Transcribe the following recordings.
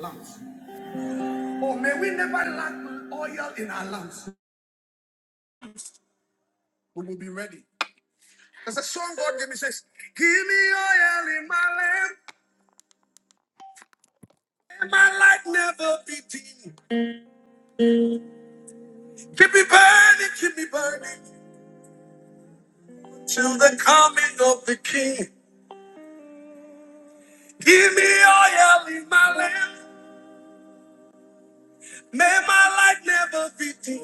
lamps. Oh, may we never lack oil in our lamps. We will be ready. There's a song God gave me says, Give me oil in my lamp, and my light never be dim. Keep me burning, keep me burning till the coming of the King. Give me oil in my lamp, may my light never be dim.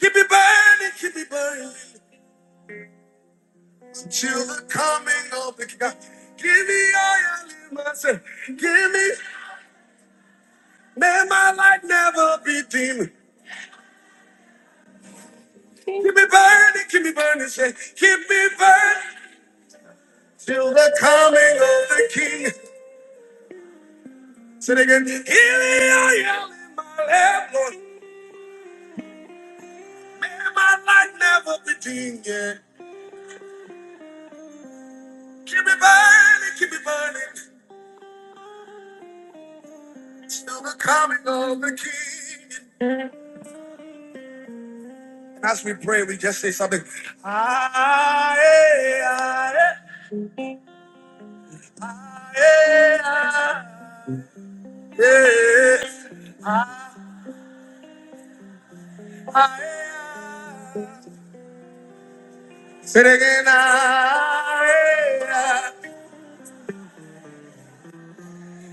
Keep me burning, keep me burning till the coming of the King. Give me oil in my lamp, give me May my light never be dim. Keep me burning, keep me burning, say, keep me burning till the coming of the King. Say it again, here I am in my lap, Lord. May my light never be dim, yeah. Keep me burning, keep me burning till the coming of the King. And as we pray, we just say something. Ah, eh, ah, eh, ah, eh, ah, eh, ah, eh, ah. Say it again. ah, eh,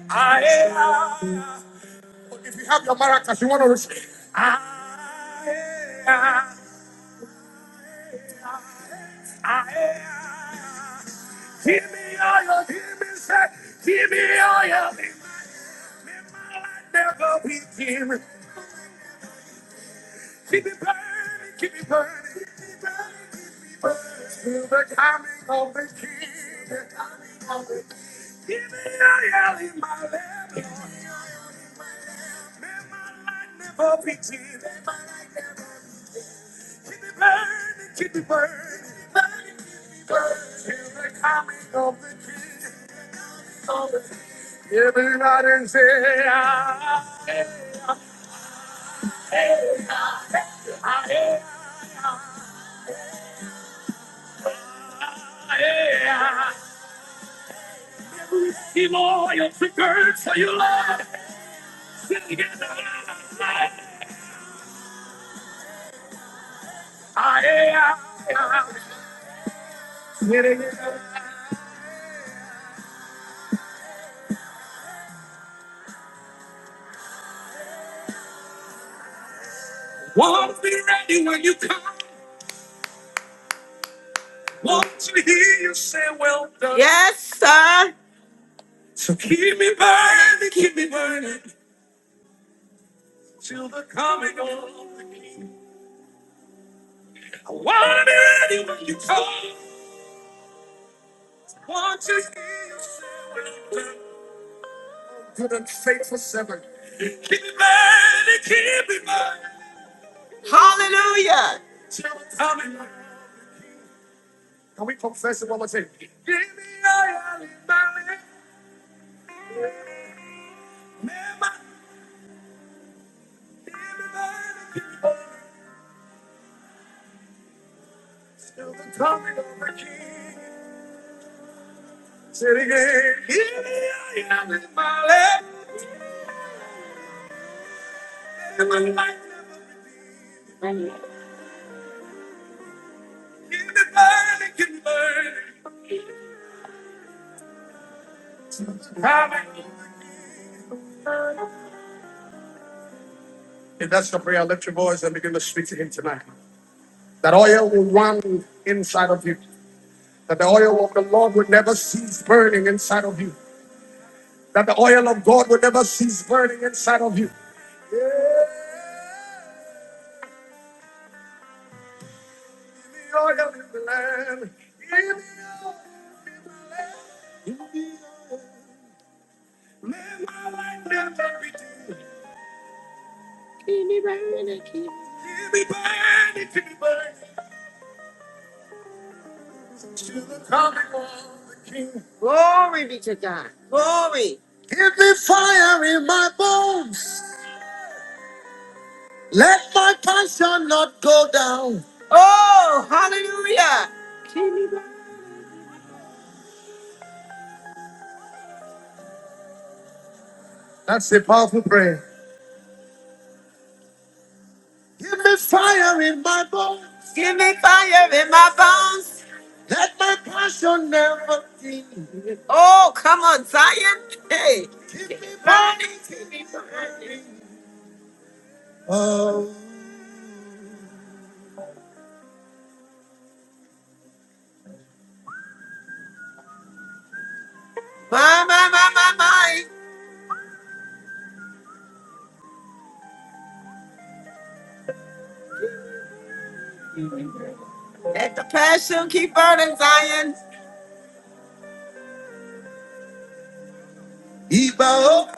ah, eh, ah. If you have your maracas, you want to receive. Give me all your demons, give me all your demons. Never be king. Keep it burning, keep it burning, keep it burning, keep it burning. Till the coming of the King, the coming of the King. Give me a yell in my lap, Lord. May my light never be dim. Keep it burning, keep it burning, keep it burning, keep it burning. Till the coming of the King, of the King. Everybody say, ah, eh, ah, eh, ah, eh, ah, eh, ah, eh, ah, Simon, you're for your love. won't be ready when you come. Want to hear you say, Well done. Yes, sir. So keep me burning, keep me burning till the coming of the King. I want to be ready when you come. Want to hear you say, Well done. Good and faithful servant. Keep me burning, keep me burning. Hallelujah. Can we confess it one more time? Give me all your love. Remember, give me all your people. Still the coming of the King. Say it again. Give me all your love. And my life never be. Give me burning, give me burning. Till the coming of the King. If that's your prayer, lift your voice and begin to speak to him tonight. That oil will run inside of you. That the oil of the Lord would never cease burning inside of you. That the oil of God would never cease burning inside of you. Yeah. The oil in the land. In the oil in the land. In the oil. Let my light never be dim. Keep me burning, keep me burning, keep me burning. to the coming of the King. Glory be to God. Glory. Give me fire in my bones. Let my passion not go down. Oh, hallelujah. That's a powerful prayer. Give me fire in my bones. Give me fire in my bones. Let my passion never dim. Oh, come on, Zion. Hey. Keep me burning, keep me burning. Oh. My, my, my, my, my. Let the passion keep burning, Zion. Ebo.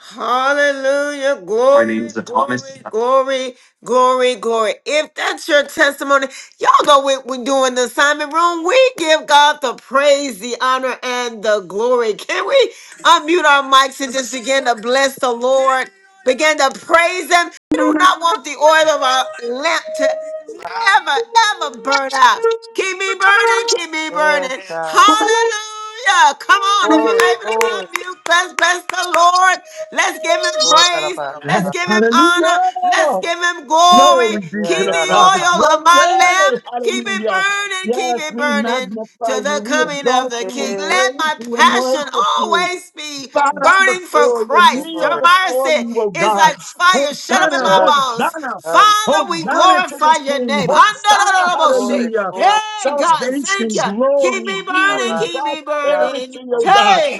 Hallelujah. Glory, My name's Thomas. glory, glory, glory, glory. If that's your testimony, y'all know what we're doing the assignment room. We give God the praise, the honor, and the glory. Can we unmute our mics and just begin to bless the Lord? Begin to praise Him. We do not want the oil of our lamp to ever, ever burn out. Keep me burning, keep me burning. Yes, God. Yes, Hallelujah. Come on, if you're Glory, able to glory. unmute, bless, bless the Lord. Let's give him Oh, la la praise. ba, Let's ba. give him honor. hallelujah. Let's give him glory. Glory be Yeah, to Keep the yeah, the la la Father. ba, oil of my ba. lamp. Glory. Keep it Hallelujah. burning, keep Yes, it we burning to magnify the you. We Yeah, coming of exalt the you King. and yeah, Let praise my you and glory, passion worship you. always be Bow down burning for before you. Christ. Kneel glory. Jeremiah before said, you, O It's God. like fire shut up Yeah, in Hosanna, my la, bones. Hosanna. la, Father, we Hosanna to glorify the your King. name. Hosanna, Handarabose. glory, hallelujah. glory. Hey, God, thank Salvation, you. Keep me glory, La burning, healing, ba, keep me yeah, burning. prosperity, la, O la. God. Hey,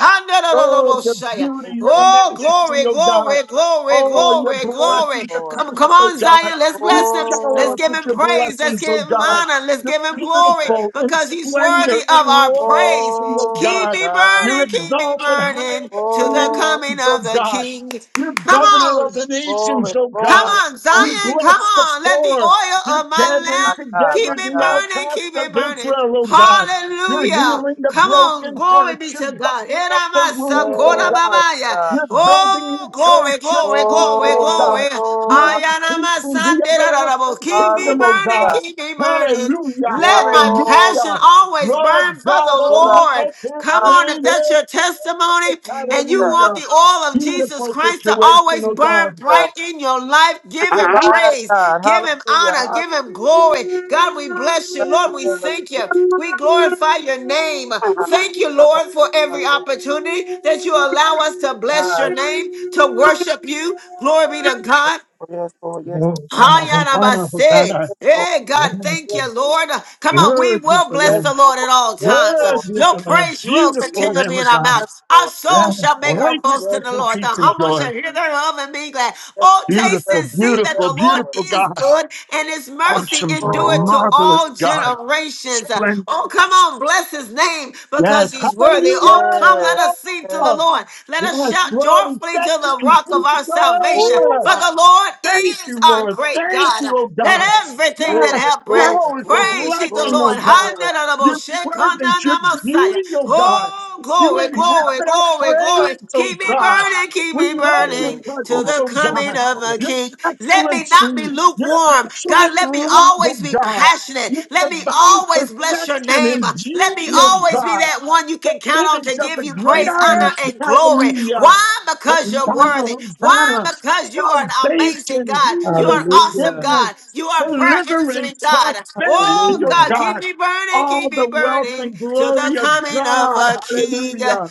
Oh, your handarabose. Thank beauty, your you, oh, majesty, glory, oh God. glory, thank glory, you, Oh, your glory, thank you, glory. blessings Lord. Come, upon come us, oh on, God. Zion. Let's You bless him. shower Let's Glory, us give with him your praise. Let's blessings, give oh him bless God. honor. Let's You're give him glory you. beautiful in because he's worthy splendor, in of our praise. royalty, oh Oh, Keep God. me God. You're burning, keep me exalted high burning above to the the Oh, coming nations, la oh of ba, the God. King. You're Come governor on. of the glory, nations, oh Come God. glory, on, glory. You Zion, come bless the on. Let the poor. oil You're of my gathering My lamp God, keep my together it the God. burning, outcasts keep of it burning. Israel, oh God. You're Hallelujah. healing the Come on, broken glory be hearts. You're to God. binding up the Eramasa wounds, oh God. Yes, koramamaya. God. You're building your Oh, glory, church, your glory, people, glory, oh God. glory. You're Oh, increasing the Ayanamasanderadarabo. everlasting Keep me kingdom, oh burning, hallelujah. God. keep me burning. Hallelujah, Let my Glory, passion hallelujah. always burn Lord for the God, the Lord, our Lord. omnipotent Come God, on, if reigneth. that's your testimony and you Jesus, want Hallelujah. the oil of Jesus Beautiful Christ to situation, always oh burn bright Jesus, in your life, give God. him my praise, God, give him hallelujah, honor, hallelujah, give him glory. God, we bless you. Bless Lord, the we name of thank Jesus, you. We glorify your name. my Thank you, God. Lord, for My every opportunity that you allow us to bless your God. name, to worship you. Glory be to God. yes, Lord, yes, Hosanna, Hosanna, Hosanna. Hayanabase. yes, Lord, Hey, God, thank yes, you, Lord, Lord. Come on, we Word is will the bless yes, the Lamb. Lord at Lord, all yes, times. Word Lord, is Your the Lamb. praise will yes, Lord, yes, Lord, yes, Lord, yes, Lord, yes, Beautiful continue to be Lamb in of our God. mouths. Our Lord, Yes. soul shall make her boast in Righteousness the yes, and Lord, yes, Lord, Lord. The peace and humble joy. shall hear thereof and be glad. Oh, taste Beautiful, and see that beautiful, the Lord beautiful is God. good and his mercy Awesome God. endureth oh, to Rabbi, Marvelous all God. generations. splendid. Oh, come on, bless his name Yes, because he's worthy. hallelujah! Oh, come, yes, let us sing to yes, the Lord. Let us Yes, shout glory, joyfully to thank you, the Jesus! rock of our salvation. oh, For Rabbi, the Lord Thank is you, our Lord, great thank God. you, oh Let God! everything Yes, that glory, have breath glory, now is a glory, praise ye the blessing, glory, oh Lord. God! glory, Your presence, your beauty, oh God! Oh, You glory, glory, inhabit our glory, glory. praise, oh Keep me God! burning, keep We me love your Hey, burning to glory, presence, the oh coming God! of glory, a Your king. Let me not be excellency, lukewarm your warm. God, excellent let me love, oh always be God! passionate. Your Let me divine always bless your perfection name. and Let me beauty, oh always be God! that one you the can count on image to of give the you great praise, I am. glory. honor, and glory. Hallelujah. Why? Because you're Hosanna, worthy. Why? Hosanna. Because you are an amazing Salvation, God. You healing, are an awesome Hallelujah. forgiveness, God. You are a prayer answering deliverance, God. Oh, prosperity, oh Hallelujah. God, keep God. me burning, All keep me the wealth burning and till the glory of coming of God. a king. Hallelujah.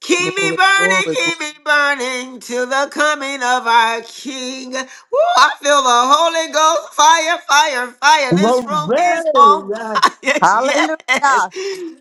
Keep me Glory, burning, glory, keep glory. me burning till the coming of our King. Woo, I feel the Holy Ghost fire, fire, fire. This room is Glory. on Yes. fire. Yes. Hallelujah.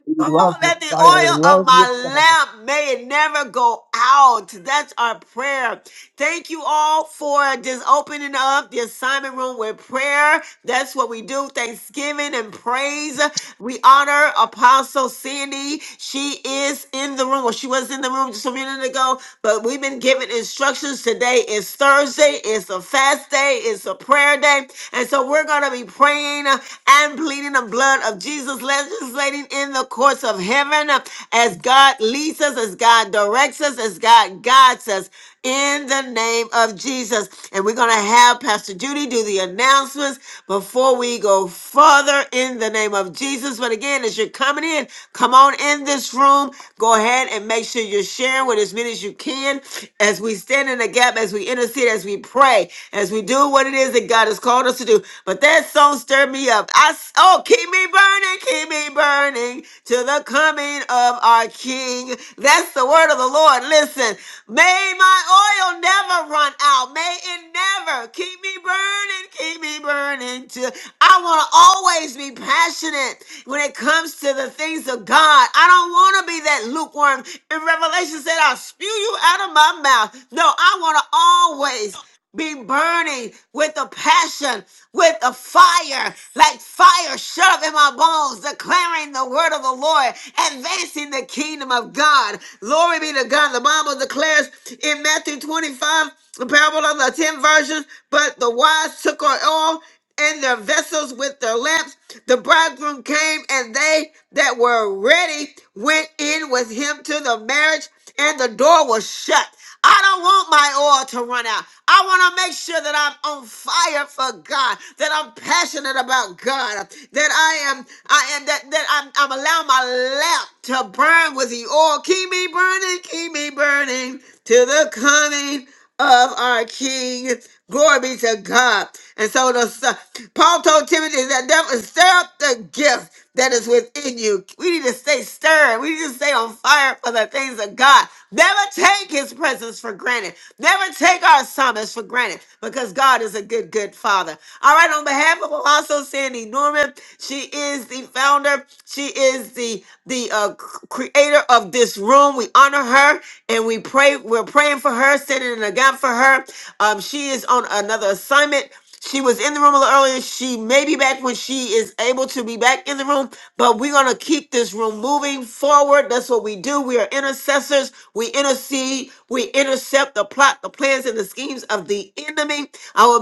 We love Oh, your that the fire. We oil of love your my lamp may it never go out. That's our prayer. Thank you all for just opening up the assignment room with prayer. That's what we do you. Thanksgiving and praise. We honor Apostle Sandy. She is in the room. Well, she was in the room just a minute ago, but we've been given instructions. Today is Thursday. It's a fast day. It's a prayer day. And so we're going to be praying and pleading the blood of Jesus, legislating in the courts of heaven as God leads us, as God directs us, as God guides us. Jesus. In the name of Jesus. And we're going to have Pastor Judy do the announcements before we go further in the name of Jesus. But again, as you're coming in, come on in this room. Go ahead and make sure you're sharing with as many as you can as we stand in the gap, as we intercede, as we pray, as we do what it is that God has called us to do. But that song stirred me up. I s- oh, keep me burning, keep me burning to the coming of our King. That's the word of the Lord. Listen, may my oil never run out. May it never keep me burning, keep me burning. To I want to always be passionate when it comes to the things of God. I don't want to be that lukewarm. In Revelation said, "I'll spew you out of my mouth." No, I want to always be burning with a passion, with a fire, like fire shut up in my bones, declaring the word of the Lord, advancing the kingdom of God. Glory be to God. The Bible declares in Matthew 25, the parable of the ten virgins, but the wise took on oil and their vessels with their lamps. The bridegroom came, and they that were ready went in with him to the marriage, and the door was shut. I don't want my oil to run out. I want to make sure that I'm on fire for God, that I'm passionate about God, that I am, I am, that, that I'm, I'm allowing my lamp to burn with the oil. Keep me burning, keep me burning to the coming of our King. Glory be to God. And so the son- Paul told Timothy that devil stir up the gift that is within you. We need to stay stirred. We need to stay on fire for the things of God. Never take his presence for granted. Never take our summons for granted because God is a good, good father. All right, on behalf of Apostle Sandy Norman, she is the founder. She is is the the uh, creator of this room. We honor her and we pray. We're praying for her, sending in a gap for her. Um, she is on another assignment. She was in the room a little earlier. She may be back when she is able to be back in the room, but we're going to keep this room moving forward. That's what we do. We are intercessors. We intercede. We intercept the plot, the plans, and the schemes of the enemy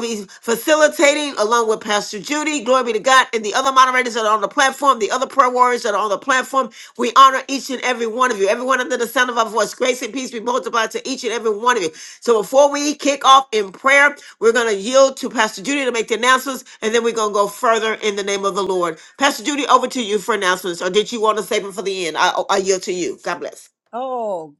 will be facilitating along with Pastor Judy. Glory be to God. And the other moderators that are on the platform, the other prayer warriors that are on the platform, we honor each and every one of you. Everyone under the sound of our voice, grace and peace be multiplied to each and every one of you. So before we kick off in prayer, we're going to yield to Pastor Judy to make the announcements, and then we're going to go further in the name of the Lord. Pastor Judy, over to you for announcements. Or did you want to save it for the end? I, I yield to you. God bless. Oh,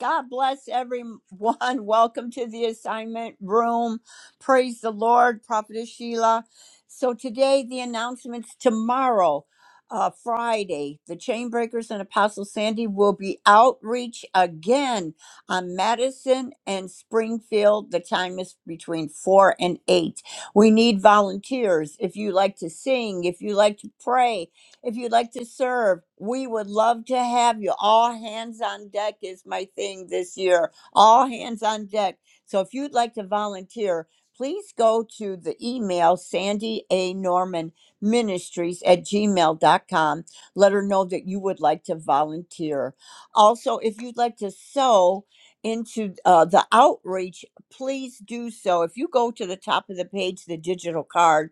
God bless everyone. Welcome to the assignment room. Praise the Lord, Prophetess Sheila. So, today, the announcements tomorrow, uh, Friday, the Chainbreakers and Apostle Sandy will be outreach again on Madison and Springfield. The time is between 4 and 8. We need volunteers. If you like to sing, if you like to pray, If you'd like to serve, we would love to have you. All hands on deck is my thing this year. All hands on deck. So if you'd like to volunteer, please go to the email Sandy A. Norman Ministries at gmail dot com. Let her know that you would like to volunteer. Also, if you'd like to sew into uh, the outreach, please do so. If you go to the top of the page, the digital card,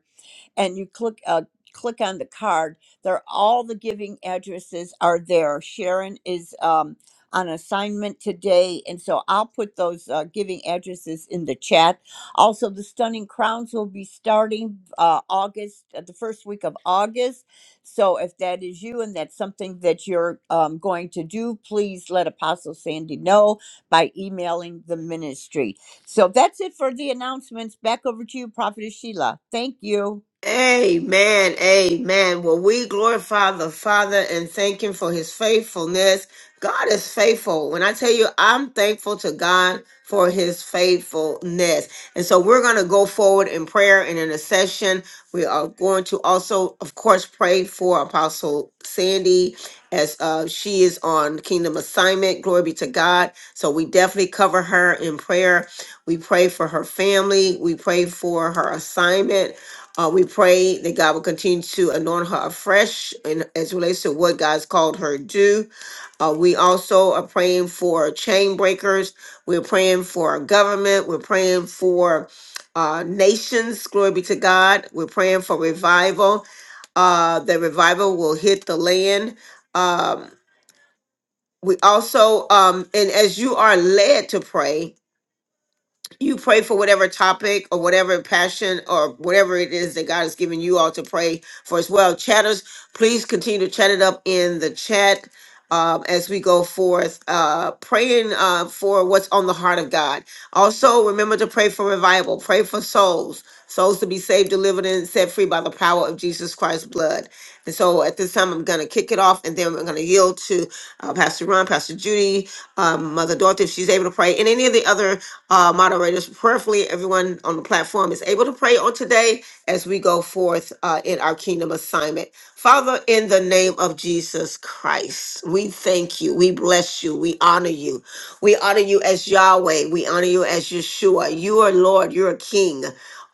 and you click uh, click on the card there all the giving addresses are there sharon is um, on assignment today and so i'll put those uh, giving addresses in the chat also the stunning crowns will be starting uh, august uh, the first week of august so if that is you and that's something that you're um, going to do please let apostle sandy know by emailing the ministry so that's it for the announcements back over to you prophetess sheila thank you Amen. Amen. Well, we glorify the Father and thank Him for His faithfulness. God is faithful. When I tell you, I'm thankful to God for His faithfulness. And so we're going to go forward in prayer and in a session. We are going to also, of course, pray for Apostle Sandy as uh, she is on kingdom assignment. Glory be to God. So we definitely cover her in prayer. We pray for her family. We pray for her assignment. Uh, we pray that God will continue to anoint her afresh and as relates to what God's called her to do. Uh, we also are praying for chain breakers. We're praying for our government. We're praying for uh, nations. Glory be to God. We're praying for revival. Uh, that revival will hit the land. Um, we also, um, and as you are led to pray, you pray for whatever topic or whatever passion or whatever it is that God has given you all to pray for as well. Chatters, please continue to chat it up in the chat um, as we go forth, uh, praying uh, for what's on the heart of God. Also, remember to pray for revival, pray for souls, souls to be saved, delivered, and set free by the power of Jesus Christ's blood. And so at this time, I'm going to kick it off and then I'm going to yield to uh, Pastor Ron, Pastor Judy um, Mother Dorothy, if she's able to pray, and any of the other uh, moderators. Prayerfully, everyone on the platform is able to pray on today as we go forth uh, in our kingdom assignment. Father, in the name of Jesus Christ, we thank you. We bless you. We honor you. We honor you as Yahweh. We honor you as Yeshua. You are Lord. You're a King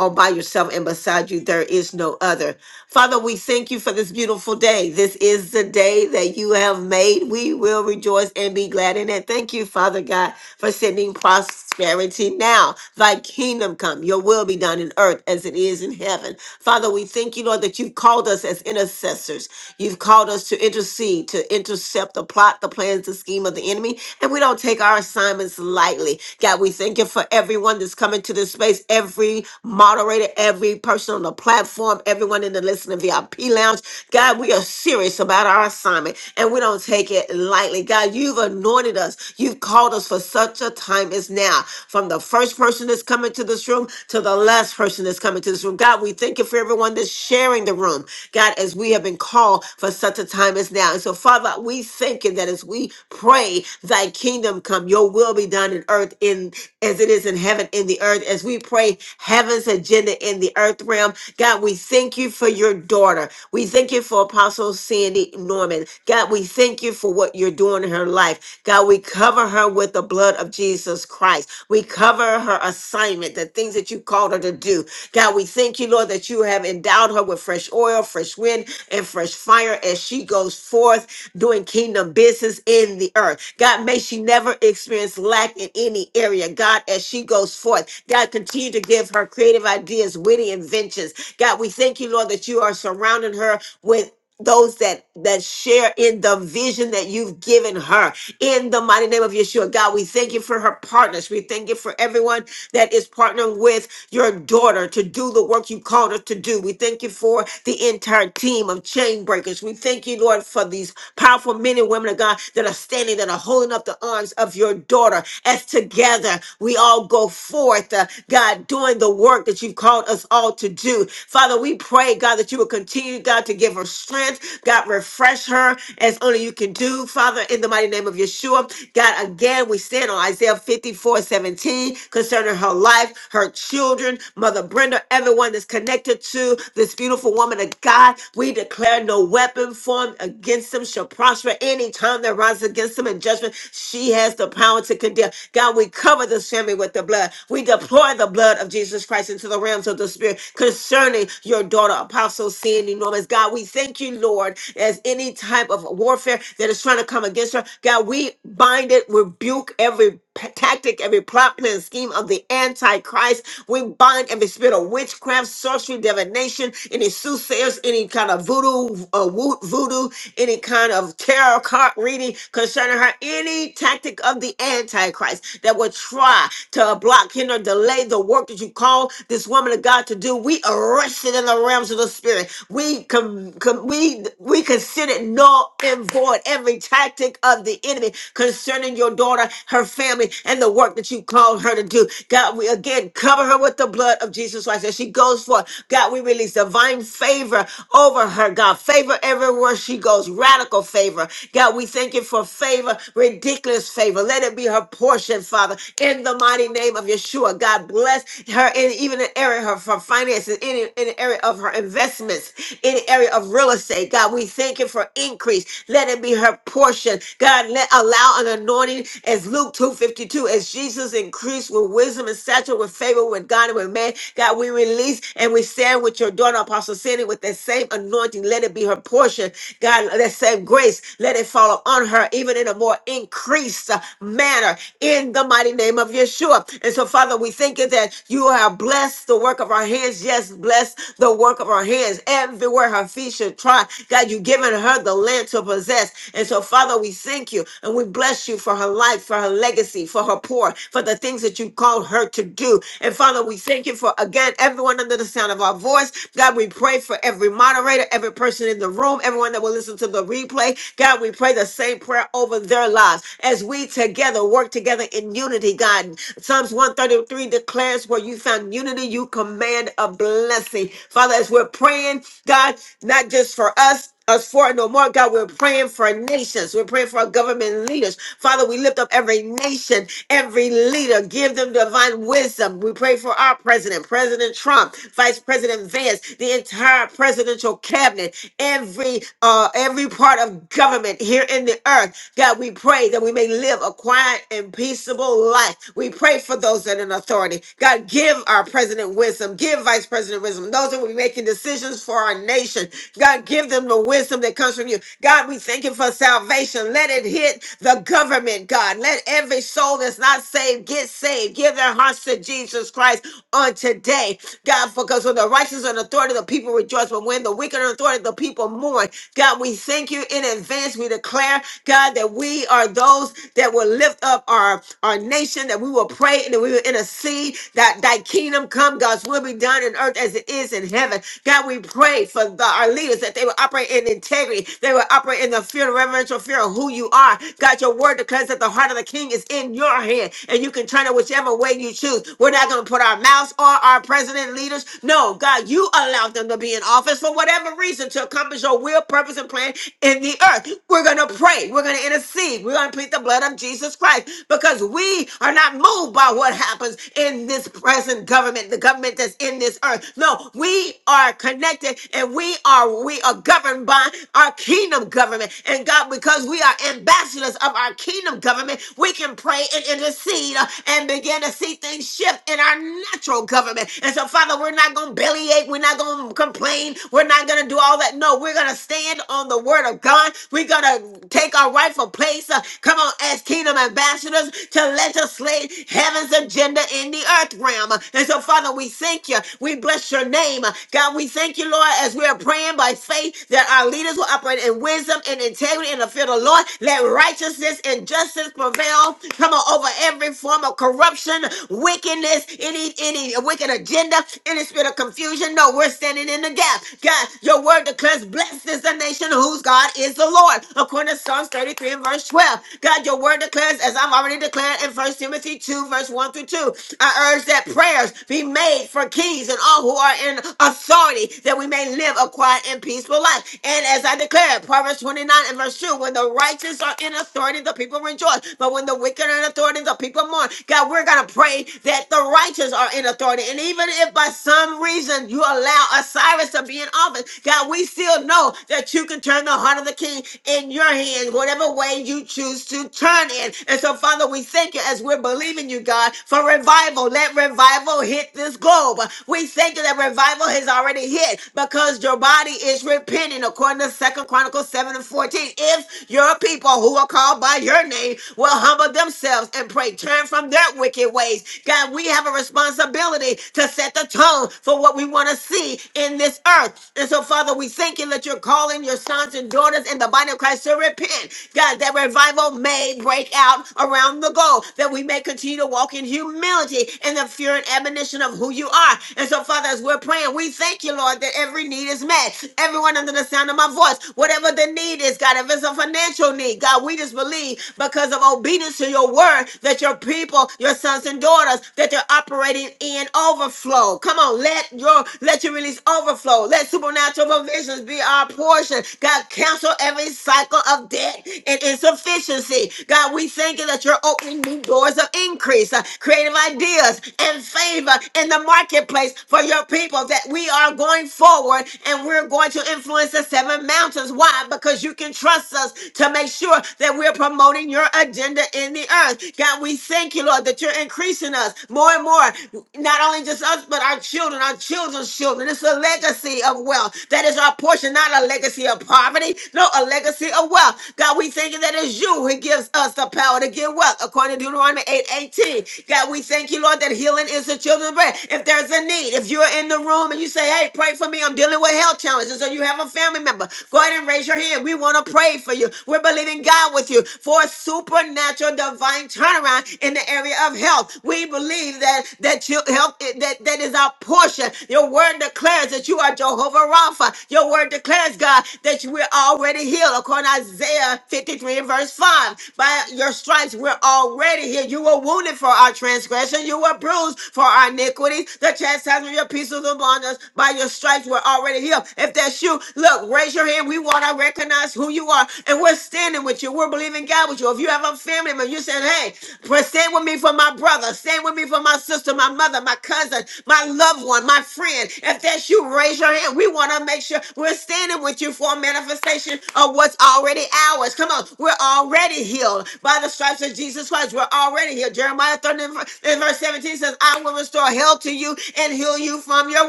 all by yourself, and beside you, there is no other. Father, we thank you for this beautiful day. This is the day that you have made. We will rejoice and be glad in it. Thank you, Father God, for sending prosperity now. Thy kingdom come, your will be done in earth as it is in heaven. Father, we thank you, Lord, that you've called us as intercessors. You've called us to intercede, to intercept the plot, the plans, the scheme of the enemy. And we don't take our assignments lightly. God, we thank you for everyone that's coming to this space, every moderator, every person on the platform, everyone in the to listen to VIP Lounge. God, we are serious about our assignment and we don't take it lightly. God, you've anointed us. You've called us for such a time as now. From the first person that's coming to this room to the last person that's coming to this room. God, we thank you for everyone that's sharing the room. God, as we have been called for such a time as now. And so, Father, we thank you that as we pray, thy kingdom come, your will be done in earth in as it is in heaven in the earth. As we pray heaven's agenda in the earth realm. God, we thank you for you for your daughter. We thank you for Apostle Sandy Norman. God, we thank you for what you're doing in her life. God, we cover her with the blood of Jesus Christ. We cover her assignment, the things that you called her to do. God, we thank you, Lord, that you have endowed her with fresh oil, fresh wind, and fresh fire as she goes forth doing kingdom business in the earth. God, may she never experience lack in any area. God, as she goes forth, God, continue to give her creative ideas, witty inventions. God, we thank you thank you, Lord, that you are surrounding her with those that that share in the vision that you've given her in the mighty name of yeshua god we thank you for her partners we thank you for everyone that is partnering with your daughter to do the work you called her to do we thank you for the entire team of chain breakers we thank you lord for these powerful men and women of god that are standing that are holding up the arms of your daughter as together we all go forth uh, god doing the work that you've called us all to do father we we pray, God, that you will continue, God, to give her strength. God, refresh her as only you can do, Father, in the mighty name of Yeshua. God, again, we stand on Isaiah 54, 17, concerning her life, her children, Mother Brenda, everyone that's connected to this beautiful woman of God. We declare no weapon formed against them shall prosper any time that rises against them in judgment. She has the power to condemn. God, we cover this family with the blood. We deploy the blood of Jesus Christ into the realms of the spirit concerning your daughter, Apostle Sandy Norman's. God, we thank you, Lord, as any type of warfare that is trying to come against her. God, we bind it, rebuke every p- tactic, every plot, plan, scheme of the Antichrist. We bind every spirit of witchcraft, sorcery, divination, any soothsayers, any kind of voodoo, uh, woo- voodoo, any kind of tarot card reading concerning her, any tactic of the Antichrist that would try to block, hinder, delay the work that you call this woman of God to do. We arrest manifested in the realms of the spirit. We com- com- we we consider null and void every tactic of the enemy concerning your daughter, her family, and the work that you called her to do. God, we again cover her with the blood of Jesus Christ as she goes forth. God, we release divine favor over her. God, favor everywhere she goes, radical favor. God, we thank you for favor, ridiculous favor. Let it be her portion, Father, in the mighty name of Yeshua. God, bless her in even an area of her for finances, in, in the area of her investments, in the area of real estate. God, we thank you for increase. Let it be her portion. God, let allow an anointing as Luke 252, as Jesus increased with wisdom and stature, with favor with God and with man. God, we release and we stand with your daughter, Apostle Sandy, with that same anointing. Let it be her portion. God, that same grace, let it fall on her, even in a more increased uh, manner, in the mighty name of Yeshua. And so, Father, we thank you that you have blessed the work of our hands. Yes, bless the work of her hands everywhere her feet should trod. God, you've given her the land to possess. And so, Father, we thank you and we bless you for her life, for her legacy, for her poor, for the things that you called her to do. And Father, we thank you for again everyone under the sound of our voice. God, we pray for every moderator, every person in the room, everyone that will listen to the replay. God, we pray the same prayer over their lives as we together work together in unity, God. Psalms 133 declares where you found unity, you command a blessing blessing. Father, as we're praying, God, not just for us, us for it no more, God. We're praying for nations. We're praying for our government leaders. Father, we lift up every nation, every leader. Give them divine wisdom. We pray for our president, President Trump, Vice President Vance, the entire presidential cabinet, every uh every part of government here in the earth. God, we pray that we may live a quiet and peaceable life. We pray for those that are in authority. God, give our president wisdom. Give Vice President vice president of wisdom, those that will be making decisions for our nation. God, give them the wisdom that comes from you. God, we thank you for salvation. Let it hit the government, God. Let every soul that's not saved get saved. Give their hearts to Jesus Christ on today. God, because when the righteous are in authority, the people rejoice. But when the wicked are in authority, the people mourn. God, we thank you in advance. We declare, God, that we are those that will lift up our, our nation, that we will pray and that we will intercede, that thy kingdom come, God's will be done on earth as it is in heaven. God, we pray for the, our leaders that they will operate in integrity. They will operate in the fear, the reverential fear of who you are. God, your word declares that the heart of the king is in your hand and you can turn it whichever way you choose. We're not going to put our mouths on our president and leaders. No, God, you allowed them to be in office for whatever reason to accomplish your will, purpose, and plan in the earth. We're going to pray. We're going to intercede. We're going to plead the blood of Jesus Christ because we are not moved by what happens in this present government, the government that's in this in this earth. No, we are connected and we are we are governed by our kingdom government. And God, because we are ambassadors of our kingdom government, we can pray and intercede uh, and begin to see things shift in our natural government. And so, Father, we're not gonna bellyache, we're not gonna complain, we're not gonna do all that. No, we're gonna stand on the word of God. We're gonna take our rightful place. uh, come on, as kingdom ambassadors to legislate heaven's agenda in the earth realm. And so, Father, we thank you thank you. We bless your name. God, we thank you, Lord, as we are praying by faith that our leaders will operate in wisdom and integrity in the fear of the Lord. Let righteousness and justice prevail. Come on, over every form of corruption, wickedness, any any wicked agenda, any spirit of confusion. No, we're standing in the gap. God, your word declares, blessed is the nation whose God is the Lord. According to Psalms 33 and verse 12. God, your word declares, as I'm already declared in First Timothy 2, verse 1 through 2. I urge that prayers be made for over kings and all who are in authority, that we may live a quiet and peaceful life. And as I declare, Proverbs 29 and verse 2, when the righteous are in authority, the people rejoice. But when the wicked are in authority, the people mourn. God, we're going to pray that the righteous are in authority. And even if by some reason you allow Osiris to be in office, God, we still know that you can turn the heart of the king in your hand, whatever way you choose to turn it. And so, Father, we thank you as we're believing you, God, for revival. Let revival hit this globe Job. We thank you that revival has already hit because your body is repenting according to Second Chronicles 7 and 14. If your people who are called by your name will humble themselves and pray, turn from their wicked ways. God, we have a responsibility to set the tone for what we want to see in this earth. And so, Father, we thank you that you're calling your sons and daughters in the body of Christ to repent. God, that revival may break out around the globe, that we may continue to walk in humility and the fear and admonition of who who you are. And so, Father, as we're praying, we thank you, Lord, that every need is met. Everyone under the sound of my voice, whatever the need is, God, if it's a financial need, God, we just believe because of obedience to your word that your people, your sons and daughters, that they're operating in overflow. Come on, let your let your release overflow. Let supernatural provisions be our portion. God, cancel every cycle of debt and insufficiency. God, we thank you that you're opening new doors of increase, uh, creative ideas, and favor and in the marketplace for your people that we are going forward and we're going to influence the seven mountains. Why? Because you can trust us to make sure that we're promoting your agenda in the earth. God, we thank you, Lord, that you're increasing us more and more. Not only just us, but our children, our children's children. It's a legacy of wealth. That is our portion, not a legacy of poverty. No, a legacy of wealth. God, we thank you that it's you who gives us the power to get wealth, according to Deuteronomy eight eighteen. God, we thank you, Lord, that healing is the children's prayer. If there's a need, if you're in the room and you say, hey, pray for me, I'm dealing with health challenges, or you have a family member, go ahead and raise your hand. We want to pray for you. We're believing God with you for a supernatural divine turnaround in the area of health. We believe that that you health eh, that, that is our portion. Your word declares that you are Jehovah Rapha. Your word declares, God, that you- we're already healed according to Isaiah 53 and verse 5. By your stripes, we're already healed. You were wounded for our transgression, you were bruised for our our iniquities. The chastisement of your peace was upon us. By your stripes, we're already healed. If that's you, look, raise your hand. We want to recognize who you are. And we're standing with you. We're believing God with you. If you have a family member, you said, hey, stand with me for my brother. Stand with me for my sister, my mother, my cousin, my loved one, my friend. If that's you, raise your hand. We want to make sure we're standing with you for a manifestation of what's already ours. Come on. We're already healed by the stripes of Jesus Christ. We're already healed. Jeremiah 13 and verse 17 says, I will restore will restore health to you and heal you from your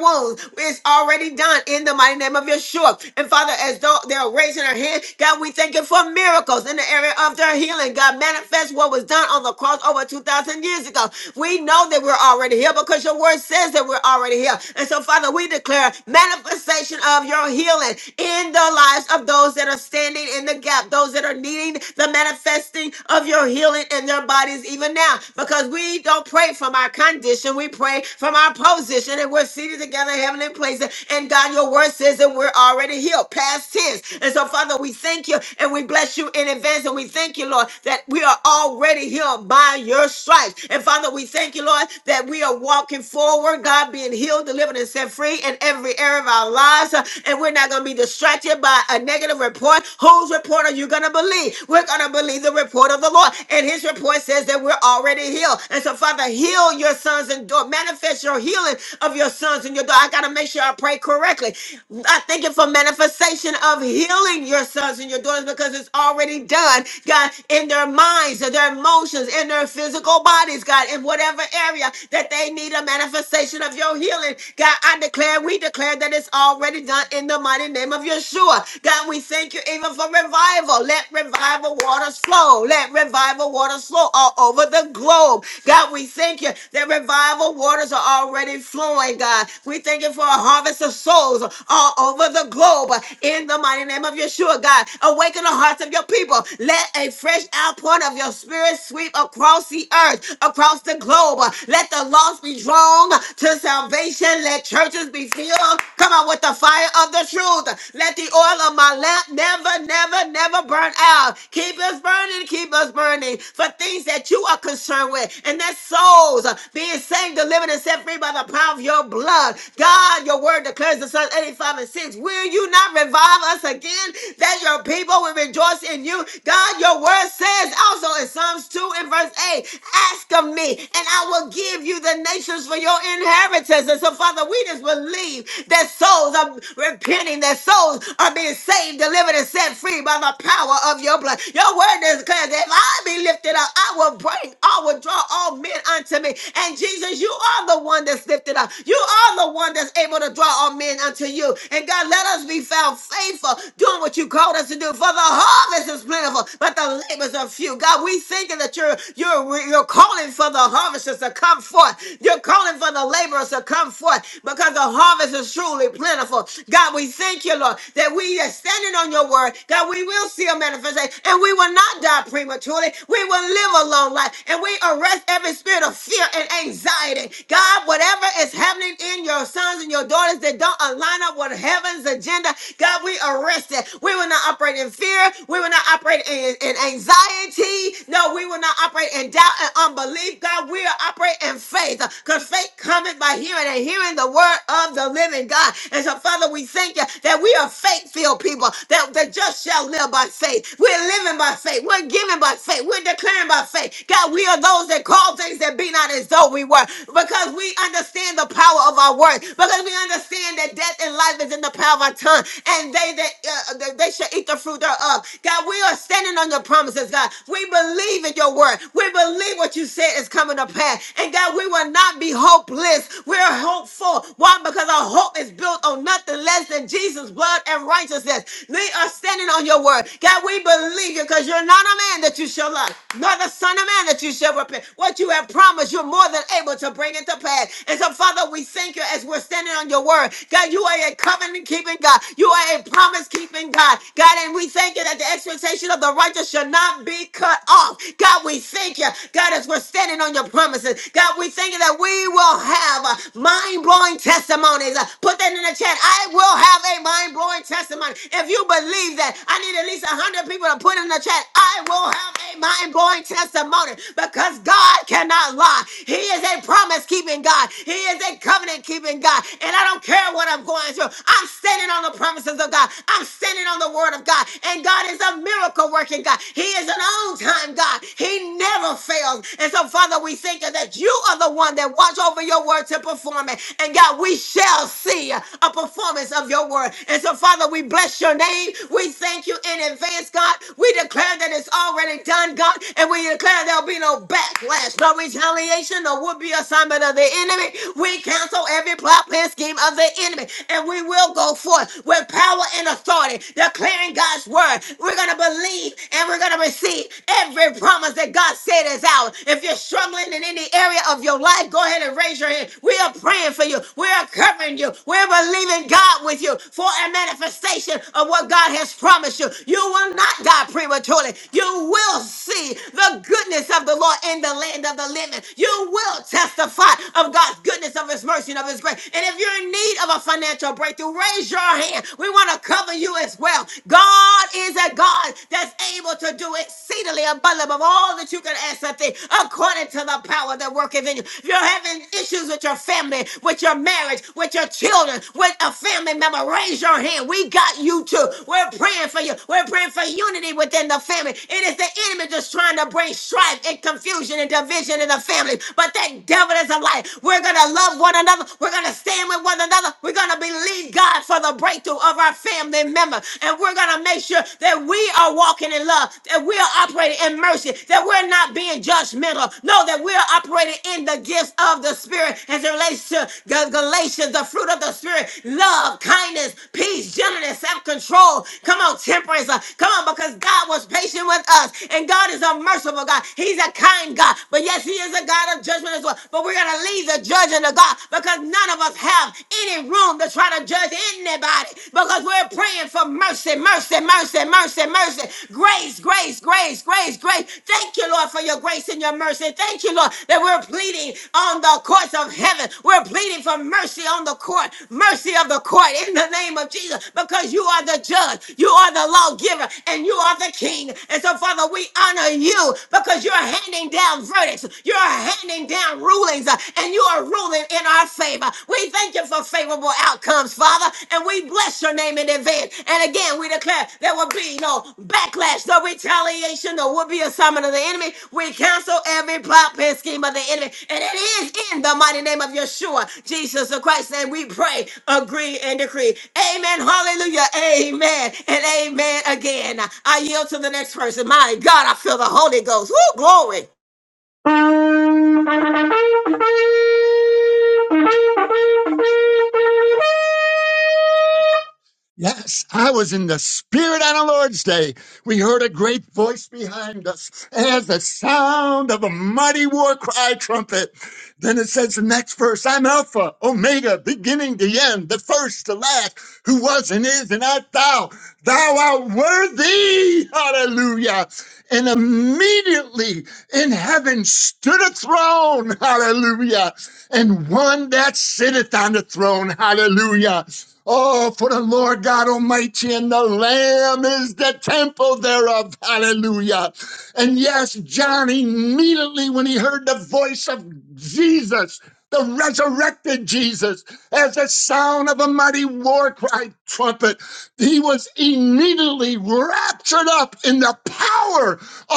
wounds. It's already done in the mighty name of Yeshua. And Father, as though they're raising their hand, God, we thank you for miracles in the area of their healing. God, manifest what was done on the cross over 2,000 years ago. We know that we're already here because your word says that we're already here. And so, Father, we declare manifestation of your healing in the lives of those that are standing in the gap, those that are needing the manifesting of your healing in their bodies even now because we don't pray from our condition position. We pray from our position and we're seated together in heavenly places. And God, your word says that we're already healed, past tense. And so, Father, we thank you and we bless you in advance. And we thank you, Lord, that we are already healed by your stripes. And Father, we thank you, Lord, that we are walking forward, God, being healed, delivered, and set free in every area of our lives. Uh, And we're not going to be distracted by a negative report. Whose report are you going to believe? We're going to believe the report of the Lord. And his report says that we're already healed. And so, Father, heal your sons sons and daughters. Manifest your healing of your sons and your daughters. I got to make sure I pray correctly. I thank you for manifestation of healing your sons and your daughters because it's already done, God, in their minds, in their emotions, in their physical bodies, God, in whatever area that they need a manifestation of your healing. God, I declare, we declare that it's already done in the mighty name of Yeshua. God, we thank you even for revival. Let revival waters flow. Let revival waters flow all over the globe. God, we thank you that that revival waters are already flowing, God. We thank you for a harvest of souls all over the globe in the mighty name of Yeshua, God. Awaken the hearts of your people. Let a fresh outpouring of your spirit sweep across the earth, across the globe. Let the lost be drawn to salvation. Let churches be filled. Come on with the fire of the truth. Let the oil of my lamp never, never, never burn out. Keep us burning, keep us burning for things that you are concerned with, and that's souls being saved, delivered, and set free by the power of your blood. God, your word declares in Psalms 85 and 6. Will you not revive us again that your people will rejoice in you? God, your word says also in Psalms 2 and verse 8, ask of me and I will give you the nations for your inheritance. And so, Father, we just believe that souls are repenting, that souls are being saved, delivered, and set free by the power of your blood. Your word declares that if I be lifted up, I will bring, I will draw all men unto me. And Jesus, you are the one that's lifted up. You are the one that's able to draw all men unto you. And God, let us be found faithful doing what you called us to do. For the harvest is plentiful, but the labors are few. God, we thank you that you're you're you're calling for the harvesters to come forth. You're calling for the laborers to come forth because the harvest is truly plentiful. God, we thank you, Lord, that we are standing on your word. God, we will see a manifestation and we will not die prematurely. We will live a long life and we arrest every spirit of fear fear and anxiety. God, whatever is happening in your sons and your daughters that don't align up with heaven's agenda, God, we arrest it. We will not operate in fear. We will not operate in, in anxiety. No, we will not operate in doubt and unbelief. God, we will operate in faith because faith cometh by hearing and hearing the word of the living God. And so, Father, we thank you that we are faith filled people, that the just shall live by faith. We're living by faith. We're giving by faith. We're declaring by faith. God, we are those that call things that be and be not as though we were. Because we understand the power of our words. Because we understand that death and life is in the power of our tongue. And they that uh, that they shall eat the fruit thereof. God, we are standing on your promises, God. We believe in your word. We believe what you said is coming to pass. And God, we will not be hopeless. We're hopeful. Why? Because our hope is built on nothing less than Jesus' blood and righteousness. We are standing on your word. God, we believe you because you're not a man that you shall lie, nor the son of man that you shall repent. What you have promise you're more than able to bring it to pass. And so, Father, we thank you as we're standing on your word. God, you are a covenant keeping God. You are a promise keeping God. God, and we thank you that the expectation of the righteous shall not be cut off. God, we thank you. God, as we're standing on your promises. God, we thank you that we will have mind blowing testimonies. Uh, Put that in the chat. I will have a mind blowing testimony. If you believe that, I need at least 100 people to put in the chat. I will have a mind blowing testimony because God cannot lie. He is a promise keeping God, He is a covenant keeping God. And I don't care what I'm going through, I'm standing on the promises of God, I'm standing on the word of God. And God is a miracle working God, He is an on time God, He never fails. And so, Father, we thank you that you are the one that watch over your word to perform it. And God, we shall see a performance of your word. And so, Father, we bless your name your name. We thank you in advance, God. We declare that it's already done, God, and we declare there'll be no backlash, no retaliation, no would be assignment of the enemy. We cancel every plot, plan, scheme of the enemy, and we will go forth with power and authority, declaring God's word. We're going to believe and we're going to receive every promise that God said is ours. If you're struggling in any area of your life, go ahead and raise your hand. We are praying for you. We are are covering you. We're believing God with you for a manifestation of what God has promised you. You will not die prematurely. You will see the goodness of the Lord in the land of the living. You will testify of God's goodness, of His mercy, and of His grace. And if you're in need of a financial breakthrough, raise your hand. We want to cover you as well. God is a God that's able to do exceedingly abundantly above all that you can ask or think, according to the the power that worketh in you. If you're having issues with your family, with your marriage, with your children, with a family member, raise your hand. We got you too. We're praying for you. We're praying for unity within the family. It is the enemy just trying to bring strife and confusion and division in the family. But that devil is a lie. We're going to love one another. We're going to stand with one another. We're going to believe God for the breakthrough of our family member. And we're going to make sure that we are walking in love love, that we're operating in mercy, that we're not being judgmental. No, that we're operating in the gifts of the Spirit as it relates to Gal- Galatians, the fruit of the Spirit love, kindness, peace, gentleness, self control. Come on, temperance. uh, Come on, because God was patient with us, and God is a merciful God. He's a kind God, but yes, He is a God of judgment as well. But we're going to leave the judging to God because none of us have any room to try to judge anybody because we're praying for mercy, mercy, mercy, mercy, mercy, grace, grace, grace, grace, grace. Thank you, Lord, for your grace and your mercy. Thank you, Lord, that we're pleading on the courts of heaven. We're pleading for mercy on the court, mercy of the court in the name of Jesus, because you are the judge, you are the lawgiver, and you are the king. And so, Father, we honor you because you're handing down verdicts, you're handing down rulings, uh, and you are ruling in in our favor. We thank you for favorable outcomes, Father, and we bless your name in advance. And again, we declare there will be no backlash, no retaliation, no would be assignment of the enemy. We cancel every plot and scheme of the enemy, and it is in the mighty name of Yeshua, Jesus the Christ, and we pray, agree, and decree. Amen. Hallelujah. Amen. And amen again. I yield to the next person. My God, I feel the Holy Ghost. Woo, glory. fire. Yes, I was in the Spirit on the Lord's day. We heard a great voice behind us as the sound of a mighty war cry trumpet. Then it says the next verse I'm Alpha, Omega, beginning, the end, the first, the last, who was and is and art thou. Thou art worthy. Hallelujah. And immediately in heaven stood a throne. Hallelujah. And one that sitteth on the throne. Hallelujah Oh, for the Lord God Almighty and the Lamb is the temple thereof. Hallelujah. And yes, John immediately, when he heard the voice of Jesus, the resurrected Jesus, as the sound of a mighty war cry trumpet, he was immediately raptured up in the power